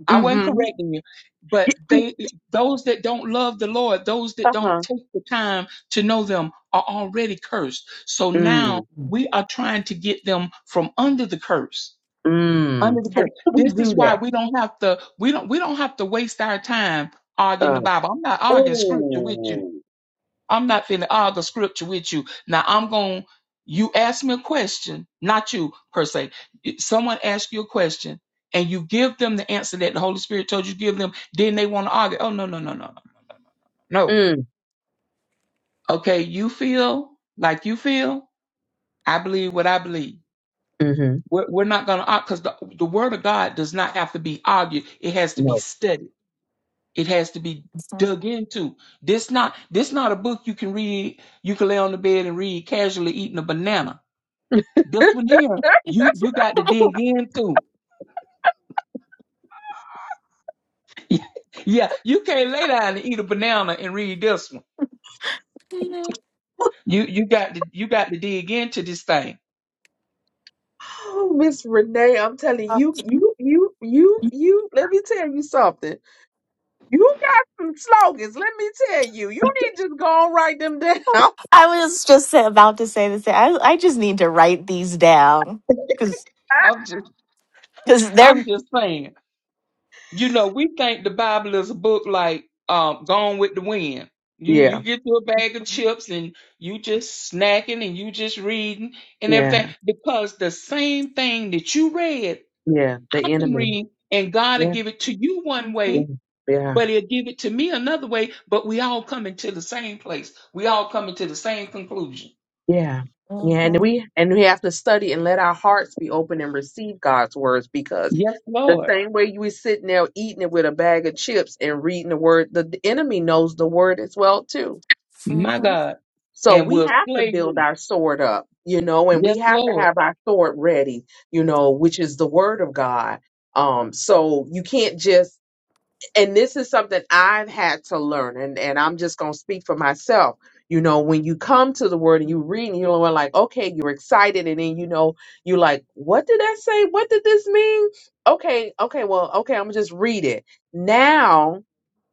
Speaker 2: I wasn't
Speaker 1: hmm
Speaker 2: correcting you. But they those that don't love the Lord, those that don't
Speaker 1: Uh-huh.
Speaker 2: take the time to know them are already cursed. So
Speaker 1: Mm.
Speaker 2: now we are trying to get them from under the curse.
Speaker 1: Mm.
Speaker 2: Under the
Speaker 1: How do
Speaker 2: curse.
Speaker 1: we
Speaker 2: This is
Speaker 1: do
Speaker 2: why
Speaker 1: that?
Speaker 2: we don't have to we don't we don't have to waste our time arguing
Speaker 1: Uh,
Speaker 2: the Bible. I'm not arguing scripture with you
Speaker 1: oh.
Speaker 2: I'm not finna argue scripture with you. Now I'm going. You ask me a question, not you per se. Someone asks you a question, and you give them the answer that the Holy Spirit told you to give them. Then they want to argue. Oh no no no no no no.
Speaker 1: Mm.
Speaker 2: Okay, you feel like you feel. I believe what I believe.
Speaker 1: Mm-hmm.
Speaker 2: We're, we're not gonna argue because the the Word of God does not have to be argued. It has to be
Speaker 1: No.
Speaker 2: studied. It has to be dug into. This not this not a book you can read. You can lay on the bed and read casually, eating a banana This one here, you you got to dig in too. yeah, you can't lay down and eat a banana and read this one. You you got to you got to dig into this thing.
Speaker 1: Oh, Miss Renee, I'm telling you, you, you, you, you, let me tell you something. You got some slogans. Let me tell you. You need to just go and write them down.
Speaker 3: I was just sa- about to say this. I, I just need to write these down because
Speaker 2: I'm just
Speaker 3: because
Speaker 2: I'm
Speaker 3: they're.
Speaker 2: just saying. You know, we think the Bible is a book like um Gone with the Wind. You you
Speaker 1: Yeah.
Speaker 2: get you a bag of
Speaker 3: Mhm,
Speaker 2: chips and you just snacking and you just reading and
Speaker 1: Yeah.
Speaker 2: everything because the same thing that you read,
Speaker 1: Yeah.
Speaker 2: I
Speaker 1: The
Speaker 2: can
Speaker 1: enemy.
Speaker 2: read and God will
Speaker 1: Yeah.
Speaker 2: give it to you one
Speaker 1: Yeah.
Speaker 2: way
Speaker 3: mhm,
Speaker 1: Yeah.
Speaker 2: but he'll give it to me another way. But we all coming to the same place. We all coming to the same conclusion.
Speaker 1: Yeah. Yeah, and
Speaker 3: mhm,
Speaker 1: we and we have to study and let our hearts be open and receive God's words because
Speaker 2: Yes,
Speaker 1: the
Speaker 2: Lord,
Speaker 1: same way you were sitting there eating it with a bag of chips and reading the word, the, the enemy knows the word as well too.
Speaker 2: my God,
Speaker 1: So
Speaker 2: and
Speaker 1: we
Speaker 2: we'll
Speaker 1: have to
Speaker 2: slay
Speaker 1: build
Speaker 2: you.
Speaker 1: our sword up, you know, and we
Speaker 2: Yes,
Speaker 1: have to
Speaker 2: Lord.
Speaker 1: have our sword ready, you know, which is the word of God. Um, so you can't just and this is something I've had to learn, and, and I'm just gonna speak for myself. You know, when you come to the word and you read, and you're like, okay, you're excited, and then you know, you're like, what did that say? What did this mean? Okay, okay, well, okay, I'm gonna just read it now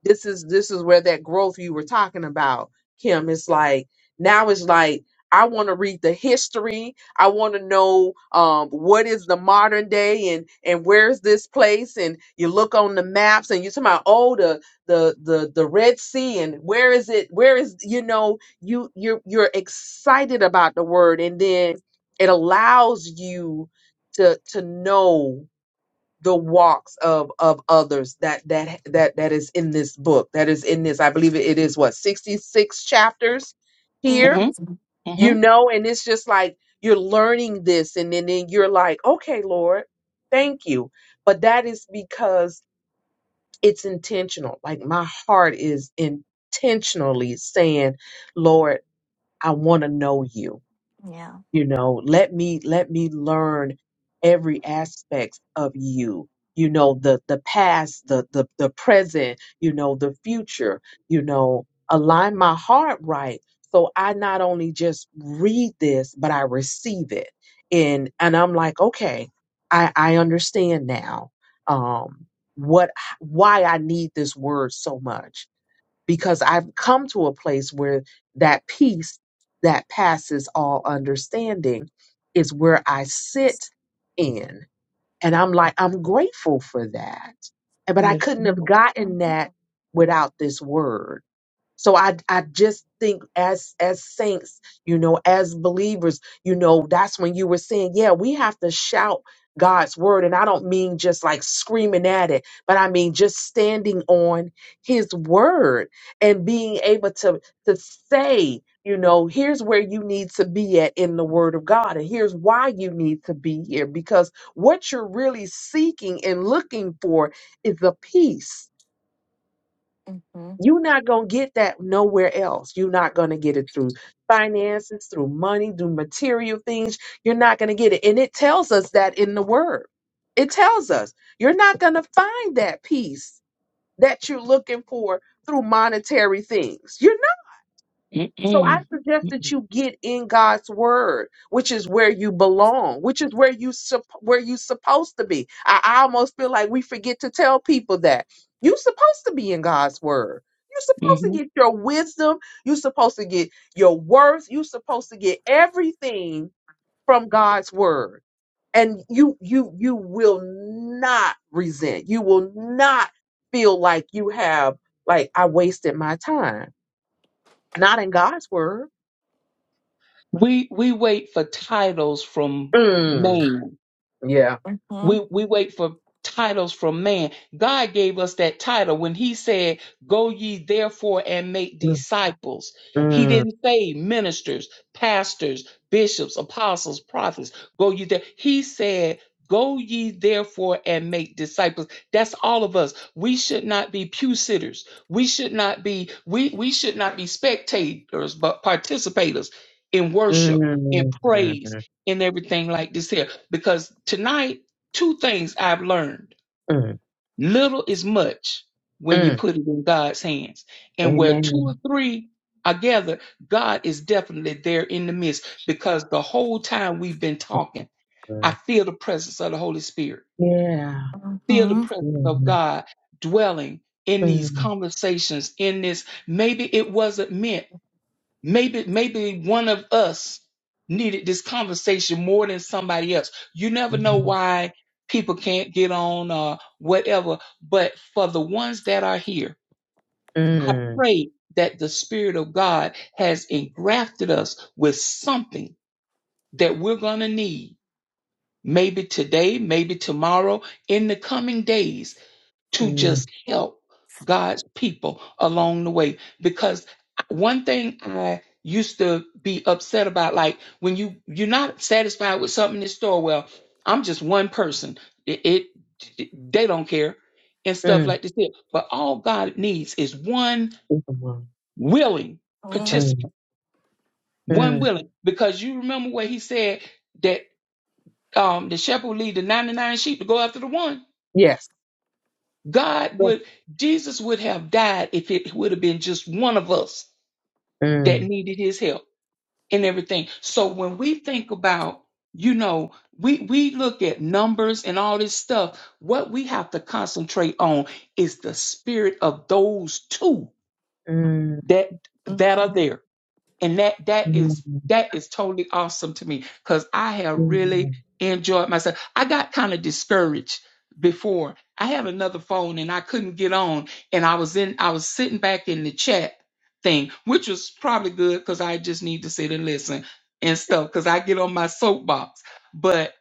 Speaker 1: this is this is where that growth you were talking about kim is like now it's like i want to read the history i want to know um, what is the modern day and and where's this place and you look on the maps and you're talking about oh the the the, the red sea and where is it where is you know you you're you're excited about the word and then it allows you to to know the walks of of others that that that that is in this book that is in this i believe it, it is what 66 chapters here
Speaker 2: hmm
Speaker 3: mhm.
Speaker 1: you
Speaker 2: hmm
Speaker 1: know and it's just like you're learning this and then, then you're like okay lord thank you but that is because it's intentional like my heart is intentionally saying lord i want to know you
Speaker 3: Yeah.
Speaker 1: you know let me let me learn every aspect of you you know the the past the the, the present you know the future you know align my heart right so i not only just read this but i receive it and and i'm like okay i i understand now um what why i need this word so much because I've come to a place where that peace that passes all understanding is where I sit in. And I'm like, I'm grateful for that. And- But I
Speaker 2: Yes,
Speaker 1: couldn't have
Speaker 2: Lord.
Speaker 1: gotten
Speaker 3: Mhm,
Speaker 1: that without this word so I I just think as as saints, you know, as believers, you know, that's when you were saying, yeah, we have to shout God's word and I don't mean just like screaming at it, but I mean just standing on his word and being able to to say, you know, here's where you need to be at in the word of God and here's why you need to be here because what you're really seeking and looking for is the peace
Speaker 3: mhm,
Speaker 1: you're not going to get that nowhere else. You're not going to get it through finances, through money, through material things. You're not going to get it. And it tells us that in the word. It tells us you're not going to find that peace that you're looking for through monetary things. You're so I
Speaker 2: Mm-mm.
Speaker 1: suggest that
Speaker 2: Mm-mm.
Speaker 1: you get in God's word, which is where you belong, which is where you sup- where you supposed to be. I, I almost feel like we forget to tell people that you're supposed to be in God's word. You're supposed
Speaker 2: hmm
Speaker 1: to get your wisdom. You're supposed to get your worth. You're supposed to get everything from God's word, and you you you will not resent. You will not feel like you have like I wasted my time. Not in God's word.
Speaker 2: We we wait for titles from
Speaker 1: Mm,
Speaker 2: man.
Speaker 1: yeah.
Speaker 3: mhm, mhm,
Speaker 2: We we wait for titles from man. God gave us that title when he said, "Go ye therefore and make
Speaker 1: Mm,
Speaker 2: disciples." He
Speaker 1: mm,
Speaker 2: didn't say ministers, pastors, bishops, apostles, prophets. Go ye there. He said, "Go ye therefore and make disciples." That's all of us. We should not be pew sitters. We should not be we we should not be spectators, but participators in worship, in
Speaker 1: mm, mm,
Speaker 2: praise, in everything like this here because tonight two things I've learned.
Speaker 1: mm,
Speaker 2: Little is much when you
Speaker 1: mm.
Speaker 2: put it in God's hands. And where two
Speaker 1: Amen.
Speaker 2: or three are gathered, God is definitely there in the midst because the whole time we've been talking, I
Speaker 1: Mm.
Speaker 2: feel the presence of the Holy Spirit,
Speaker 1: Yeah.
Speaker 2: feel the
Speaker 3: mhm,
Speaker 2: presence of
Speaker 1: Mm,
Speaker 2: God dwelling in these
Speaker 1: mm,
Speaker 2: conversations, in this. Maybe it wasn't meant. Maybe, maybe one of us needed this conversation more than somebody else. You never know
Speaker 1: mm,
Speaker 2: why people can't get on or whatever. But for the ones that are here, I
Speaker 1: mm,
Speaker 2: pray that the Spirit of God has engrafted us with something that we're going to need. Maybe today, maybe tomorrow, in the coming days to
Speaker 1: mm,
Speaker 2: just help God's people along the way. Because one thing I used to be upset about, like when you you're not satisfied with something in the store, well, I'm just one person. It, it they don't care and stuff
Speaker 1: mm.
Speaker 2: like this. here. But all God needs is one
Speaker 1: Think of one.
Speaker 2: willing
Speaker 1: Mm,
Speaker 2: participant, one
Speaker 1: mm.
Speaker 2: willing. Because you remember what He said that um the shepherd will lead the 99 sheep to go after the one
Speaker 1: Yes.
Speaker 2: God
Speaker 1: Yeah.
Speaker 2: would, Jesus would have died if it would have been just one of us that
Speaker 1: Mm,
Speaker 2: needed his help and everything. So when we think about, you know, we, we look at numbers and all this stuff, what we have to concentrate on is the spirit of those two
Speaker 1: mm,
Speaker 2: that, that are
Speaker 3: mhm,
Speaker 2: there and that that is
Speaker 1: mm,
Speaker 2: that is totally awesome to me because I have really
Speaker 1: mm,
Speaker 2: enjoyed myself. I got kind of discouraged before. I had another phone and I couldn't get on, and I was in I was sitting back in the chat thing, which was probably good because I just need to sit and listen and stuff because I get on my soapbox. But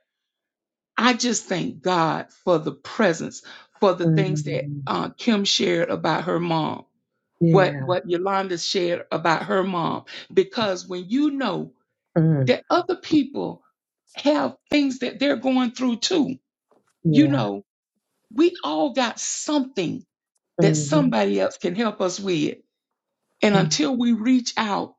Speaker 2: I just thank God for the presence, for the things that
Speaker 1: mm.
Speaker 2: uh, Kim shared about her mom what
Speaker 1: Yeah.
Speaker 2: what Yolanda shared about her mom because when you know
Speaker 1: Mm,
Speaker 2: that other people have things that they're going through too, you
Speaker 1: yeah.
Speaker 2: know, we all got something that
Speaker 1: Mhm.
Speaker 2: somebody else can help us with. And
Speaker 1: Yeah.
Speaker 2: until we reach out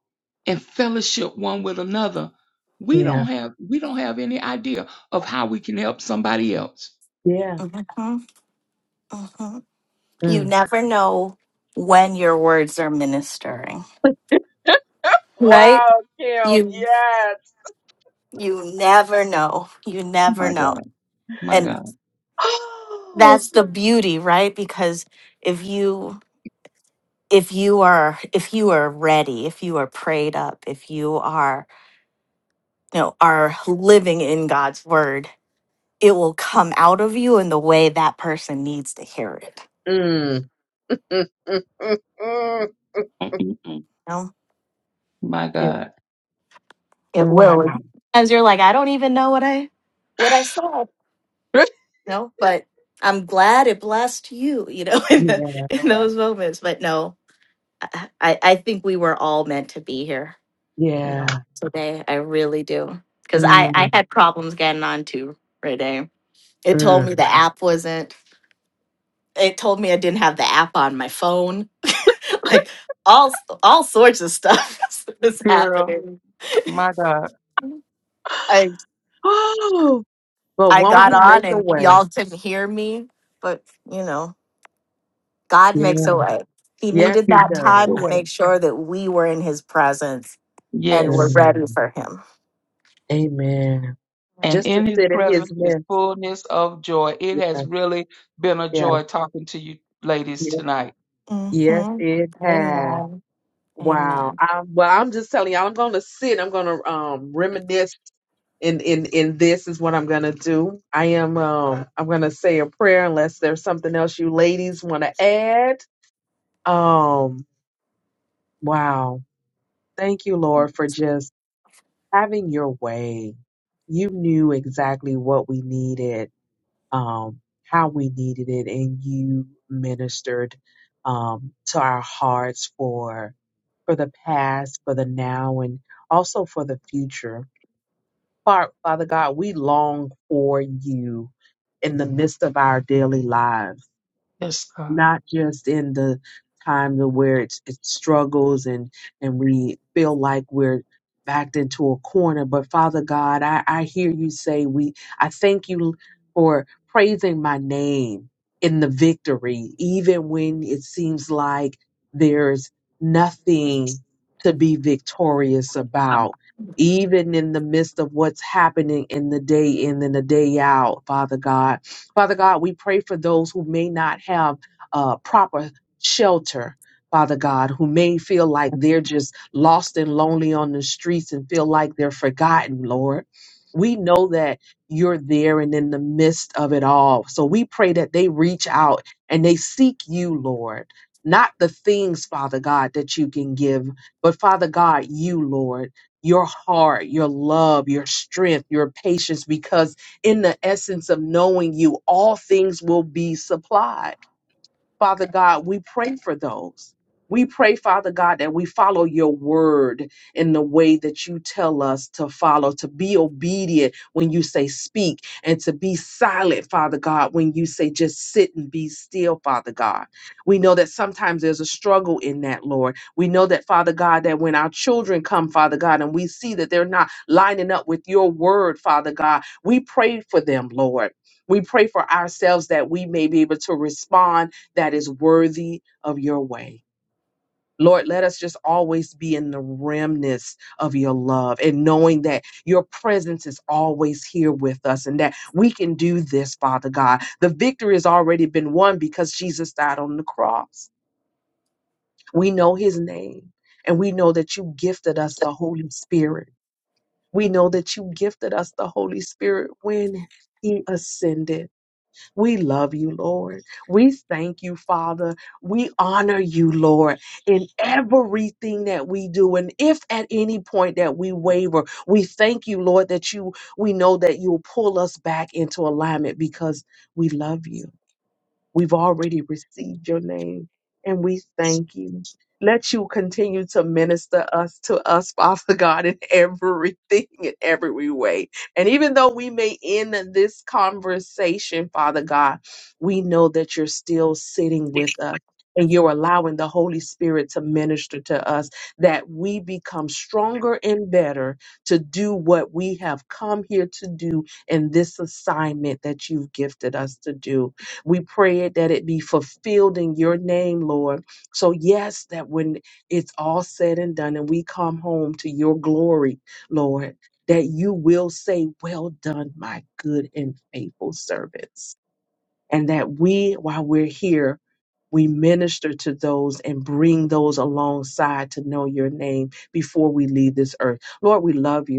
Speaker 2: and fellowship one with another, we don't
Speaker 1: Yeah.
Speaker 2: have we don't have any idea of how we can help somebody else.
Speaker 1: Yeah.
Speaker 3: mhm, mhm. You
Speaker 1: Mm.
Speaker 3: never know when your words are ministering, right?
Speaker 1: Wow, Kim.
Speaker 3: You
Speaker 1: Yes.
Speaker 3: you never know. You never
Speaker 2: My
Speaker 3: know.
Speaker 2: God, my God,
Speaker 3: that's the beauty right because if you if you are if you are ready if you are prayed up if you are you know are living in god's word it will come out of you in the way that person needs to hear it
Speaker 1: Oh.
Speaker 2: Mm-mm-mm.
Speaker 3: you know
Speaker 2: my
Speaker 3: it,
Speaker 2: God,
Speaker 3: it
Speaker 1: Wow.
Speaker 3: will as you're like i don't even know what i what i said you know but i'm glad it blessed you you know in, the,
Speaker 1: Yeah.
Speaker 3: in those moments but no I, I I think we were all meant to be here you
Speaker 1: Yeah.
Speaker 3: know, today. I really do. Because I, I
Speaker 1: Mm,
Speaker 3: had problems getting on to Day. It told
Speaker 1: mm.
Speaker 3: me the app wasn't, it told me I didn't have the app on my phone. Like all s- all sorts of stuff is
Speaker 2: girl,
Speaker 3: happening.
Speaker 2: my God,
Speaker 3: I
Speaker 1: Oh, but
Speaker 3: I
Speaker 1: won't he
Speaker 3: got on
Speaker 1: make a
Speaker 3: and
Speaker 1: way?
Speaker 3: y'all couldn't hear me, but you know, God
Speaker 1: Yeah.
Speaker 3: makes a way. He
Speaker 1: Yes,
Speaker 3: needed
Speaker 2: he
Speaker 1: he
Speaker 3: that
Speaker 2: leads
Speaker 1: does.
Speaker 2: the
Speaker 3: time to
Speaker 2: way.
Speaker 3: make sure that we were in his presence and
Speaker 2: Yes,
Speaker 3: were ready
Speaker 1: Mm.
Speaker 3: for him.
Speaker 1: Amen.
Speaker 2: and
Speaker 1: Just to
Speaker 2: in his
Speaker 1: sit in his
Speaker 2: presence is
Speaker 1: midst.
Speaker 2: fullness of joy. It
Speaker 1: Yeah.
Speaker 2: has really been a
Speaker 1: Yeah.
Speaker 2: joy talking to you ladies
Speaker 1: yeah.
Speaker 2: tonight.
Speaker 1: Yes,
Speaker 3: hmm
Speaker 1: it has.
Speaker 3: Amen.
Speaker 1: Wow.
Speaker 3: Amen.
Speaker 1: I, well, I'm just telling y'all, I'm going to sit. I'm going to um, reminisce. In, in, in this is what I'm going to do. I am, um, I'm going to say a prayer unless there's something else you ladies want to add. Um, wow. Thank you, Lord, for just having your way. You knew exactly what we needed, um, how we needed it, and you ministered um to our hearts for for the past, for the now, and also for the future. Fa- Father God, we long for you in the midst of our daily lives.
Speaker 2: Yes, God.
Speaker 1: not just in the time to where it's it struggles and and we feel like we're backed into a corner but father god i i hear you say we i thank you for praising my name in the victory even when it seems like there's nothing to be victorious about even in the midst of what's happening in the day in and the day out father god Father God, we pray for those who may not have uh, proper shelter, Father God, who may feel like they're just lost and lonely on the streets and feel like they're forgotten, Lord. We know that you're there and in the midst of it all. So we pray that they reach out and they seek you, Lord. Not the things, Father God, that you can give, but Father God, you, Lord, your heart, your love, your strength, your patience, because in the essence of knowing you, all things will be supplied. Father God, we pray for those. We pray, Father God, that we follow your word in the way that you tell us to follow, to be obedient when you say speak, and to be silent, Father God, when you say just sit and be still, Father God. We know that sometimes there's a struggle in that, Lord. We know that, Father God, that when our children come, Father God, and we see that they're not lining up with your word, Father God, we pray for them, Lord. We pray for ourselves that we may be able to respond that is worthy of your way. Lord, let us just always be in the remnants of your love and knowing that your presence is always here with us and that we can do this, Father God. The victory has already been won because Jesus died on the cross. We know his name and we know that you gifted us the Holy Spirit. We know that you gifted us the Holy Spirit when he ascended. We love you, Lord. We thank you, Father. We honor you, Lord, in everything that we do. And if at any point that we waver, we thank you, Lord, that you, we know that you'll pull us back into alignment because we love you. We've already received your name and we thank you. Let you continue to minister us to us, Father God, in everything, in every way. And even though we may end this conversation, Father God, we know that you're still sitting with us and you're allowing the Holy Spirit to minister to us, that we become stronger and better to do what we have come here to do in this assignment that you've gifted us to do. We pray it that it be fulfilled in your name, Lord. So, yes, that when it's all said and done and we come home to your glory, Lord, that you will say, Well done, my good and faithful servants. And that we, while we're here, we minister to those and bring those alongside to know your name before we leave this earth. Lord, we love you.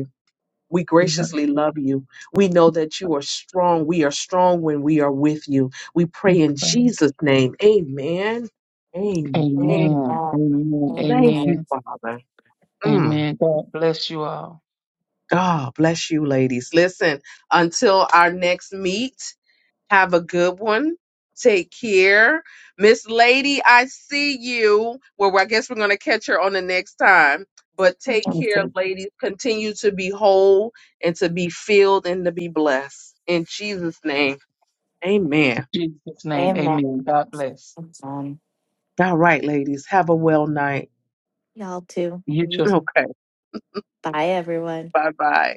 Speaker 1: We
Speaker 2: We love
Speaker 1: graciously love you. We know that you
Speaker 2: you.
Speaker 1: are strong. We are strong when we are with you. We
Speaker 2: Yes,
Speaker 1: pray in
Speaker 2: God.
Speaker 1: Jesus' name. Amen.
Speaker 3: Amen.
Speaker 1: Amen.
Speaker 2: Amen. Amen.
Speaker 1: Thank
Speaker 3: Amen.
Speaker 1: you,
Speaker 2: Amen.
Speaker 1: Father. Mm.
Speaker 2: Amen. God bless you all.
Speaker 1: God bless you, ladies. Listen, until our next meet, have a good one. Take care. Miss Lady, I see you. Well, I guess we're going to catch her on the next time. But take
Speaker 2: In
Speaker 1: care, ladies. Continue to be whole and to be filled and to be blessed. In Jesus' name, amen.
Speaker 2: Jesus' name,
Speaker 3: Amen.
Speaker 2: amen. God bless.
Speaker 3: Amen.
Speaker 1: All right, ladies. Have a well night.
Speaker 3: Y'all too.
Speaker 2: You
Speaker 3: You
Speaker 2: too.
Speaker 3: too.
Speaker 1: Okay.
Speaker 3: Bye, everyone.
Speaker 1: Bye bye.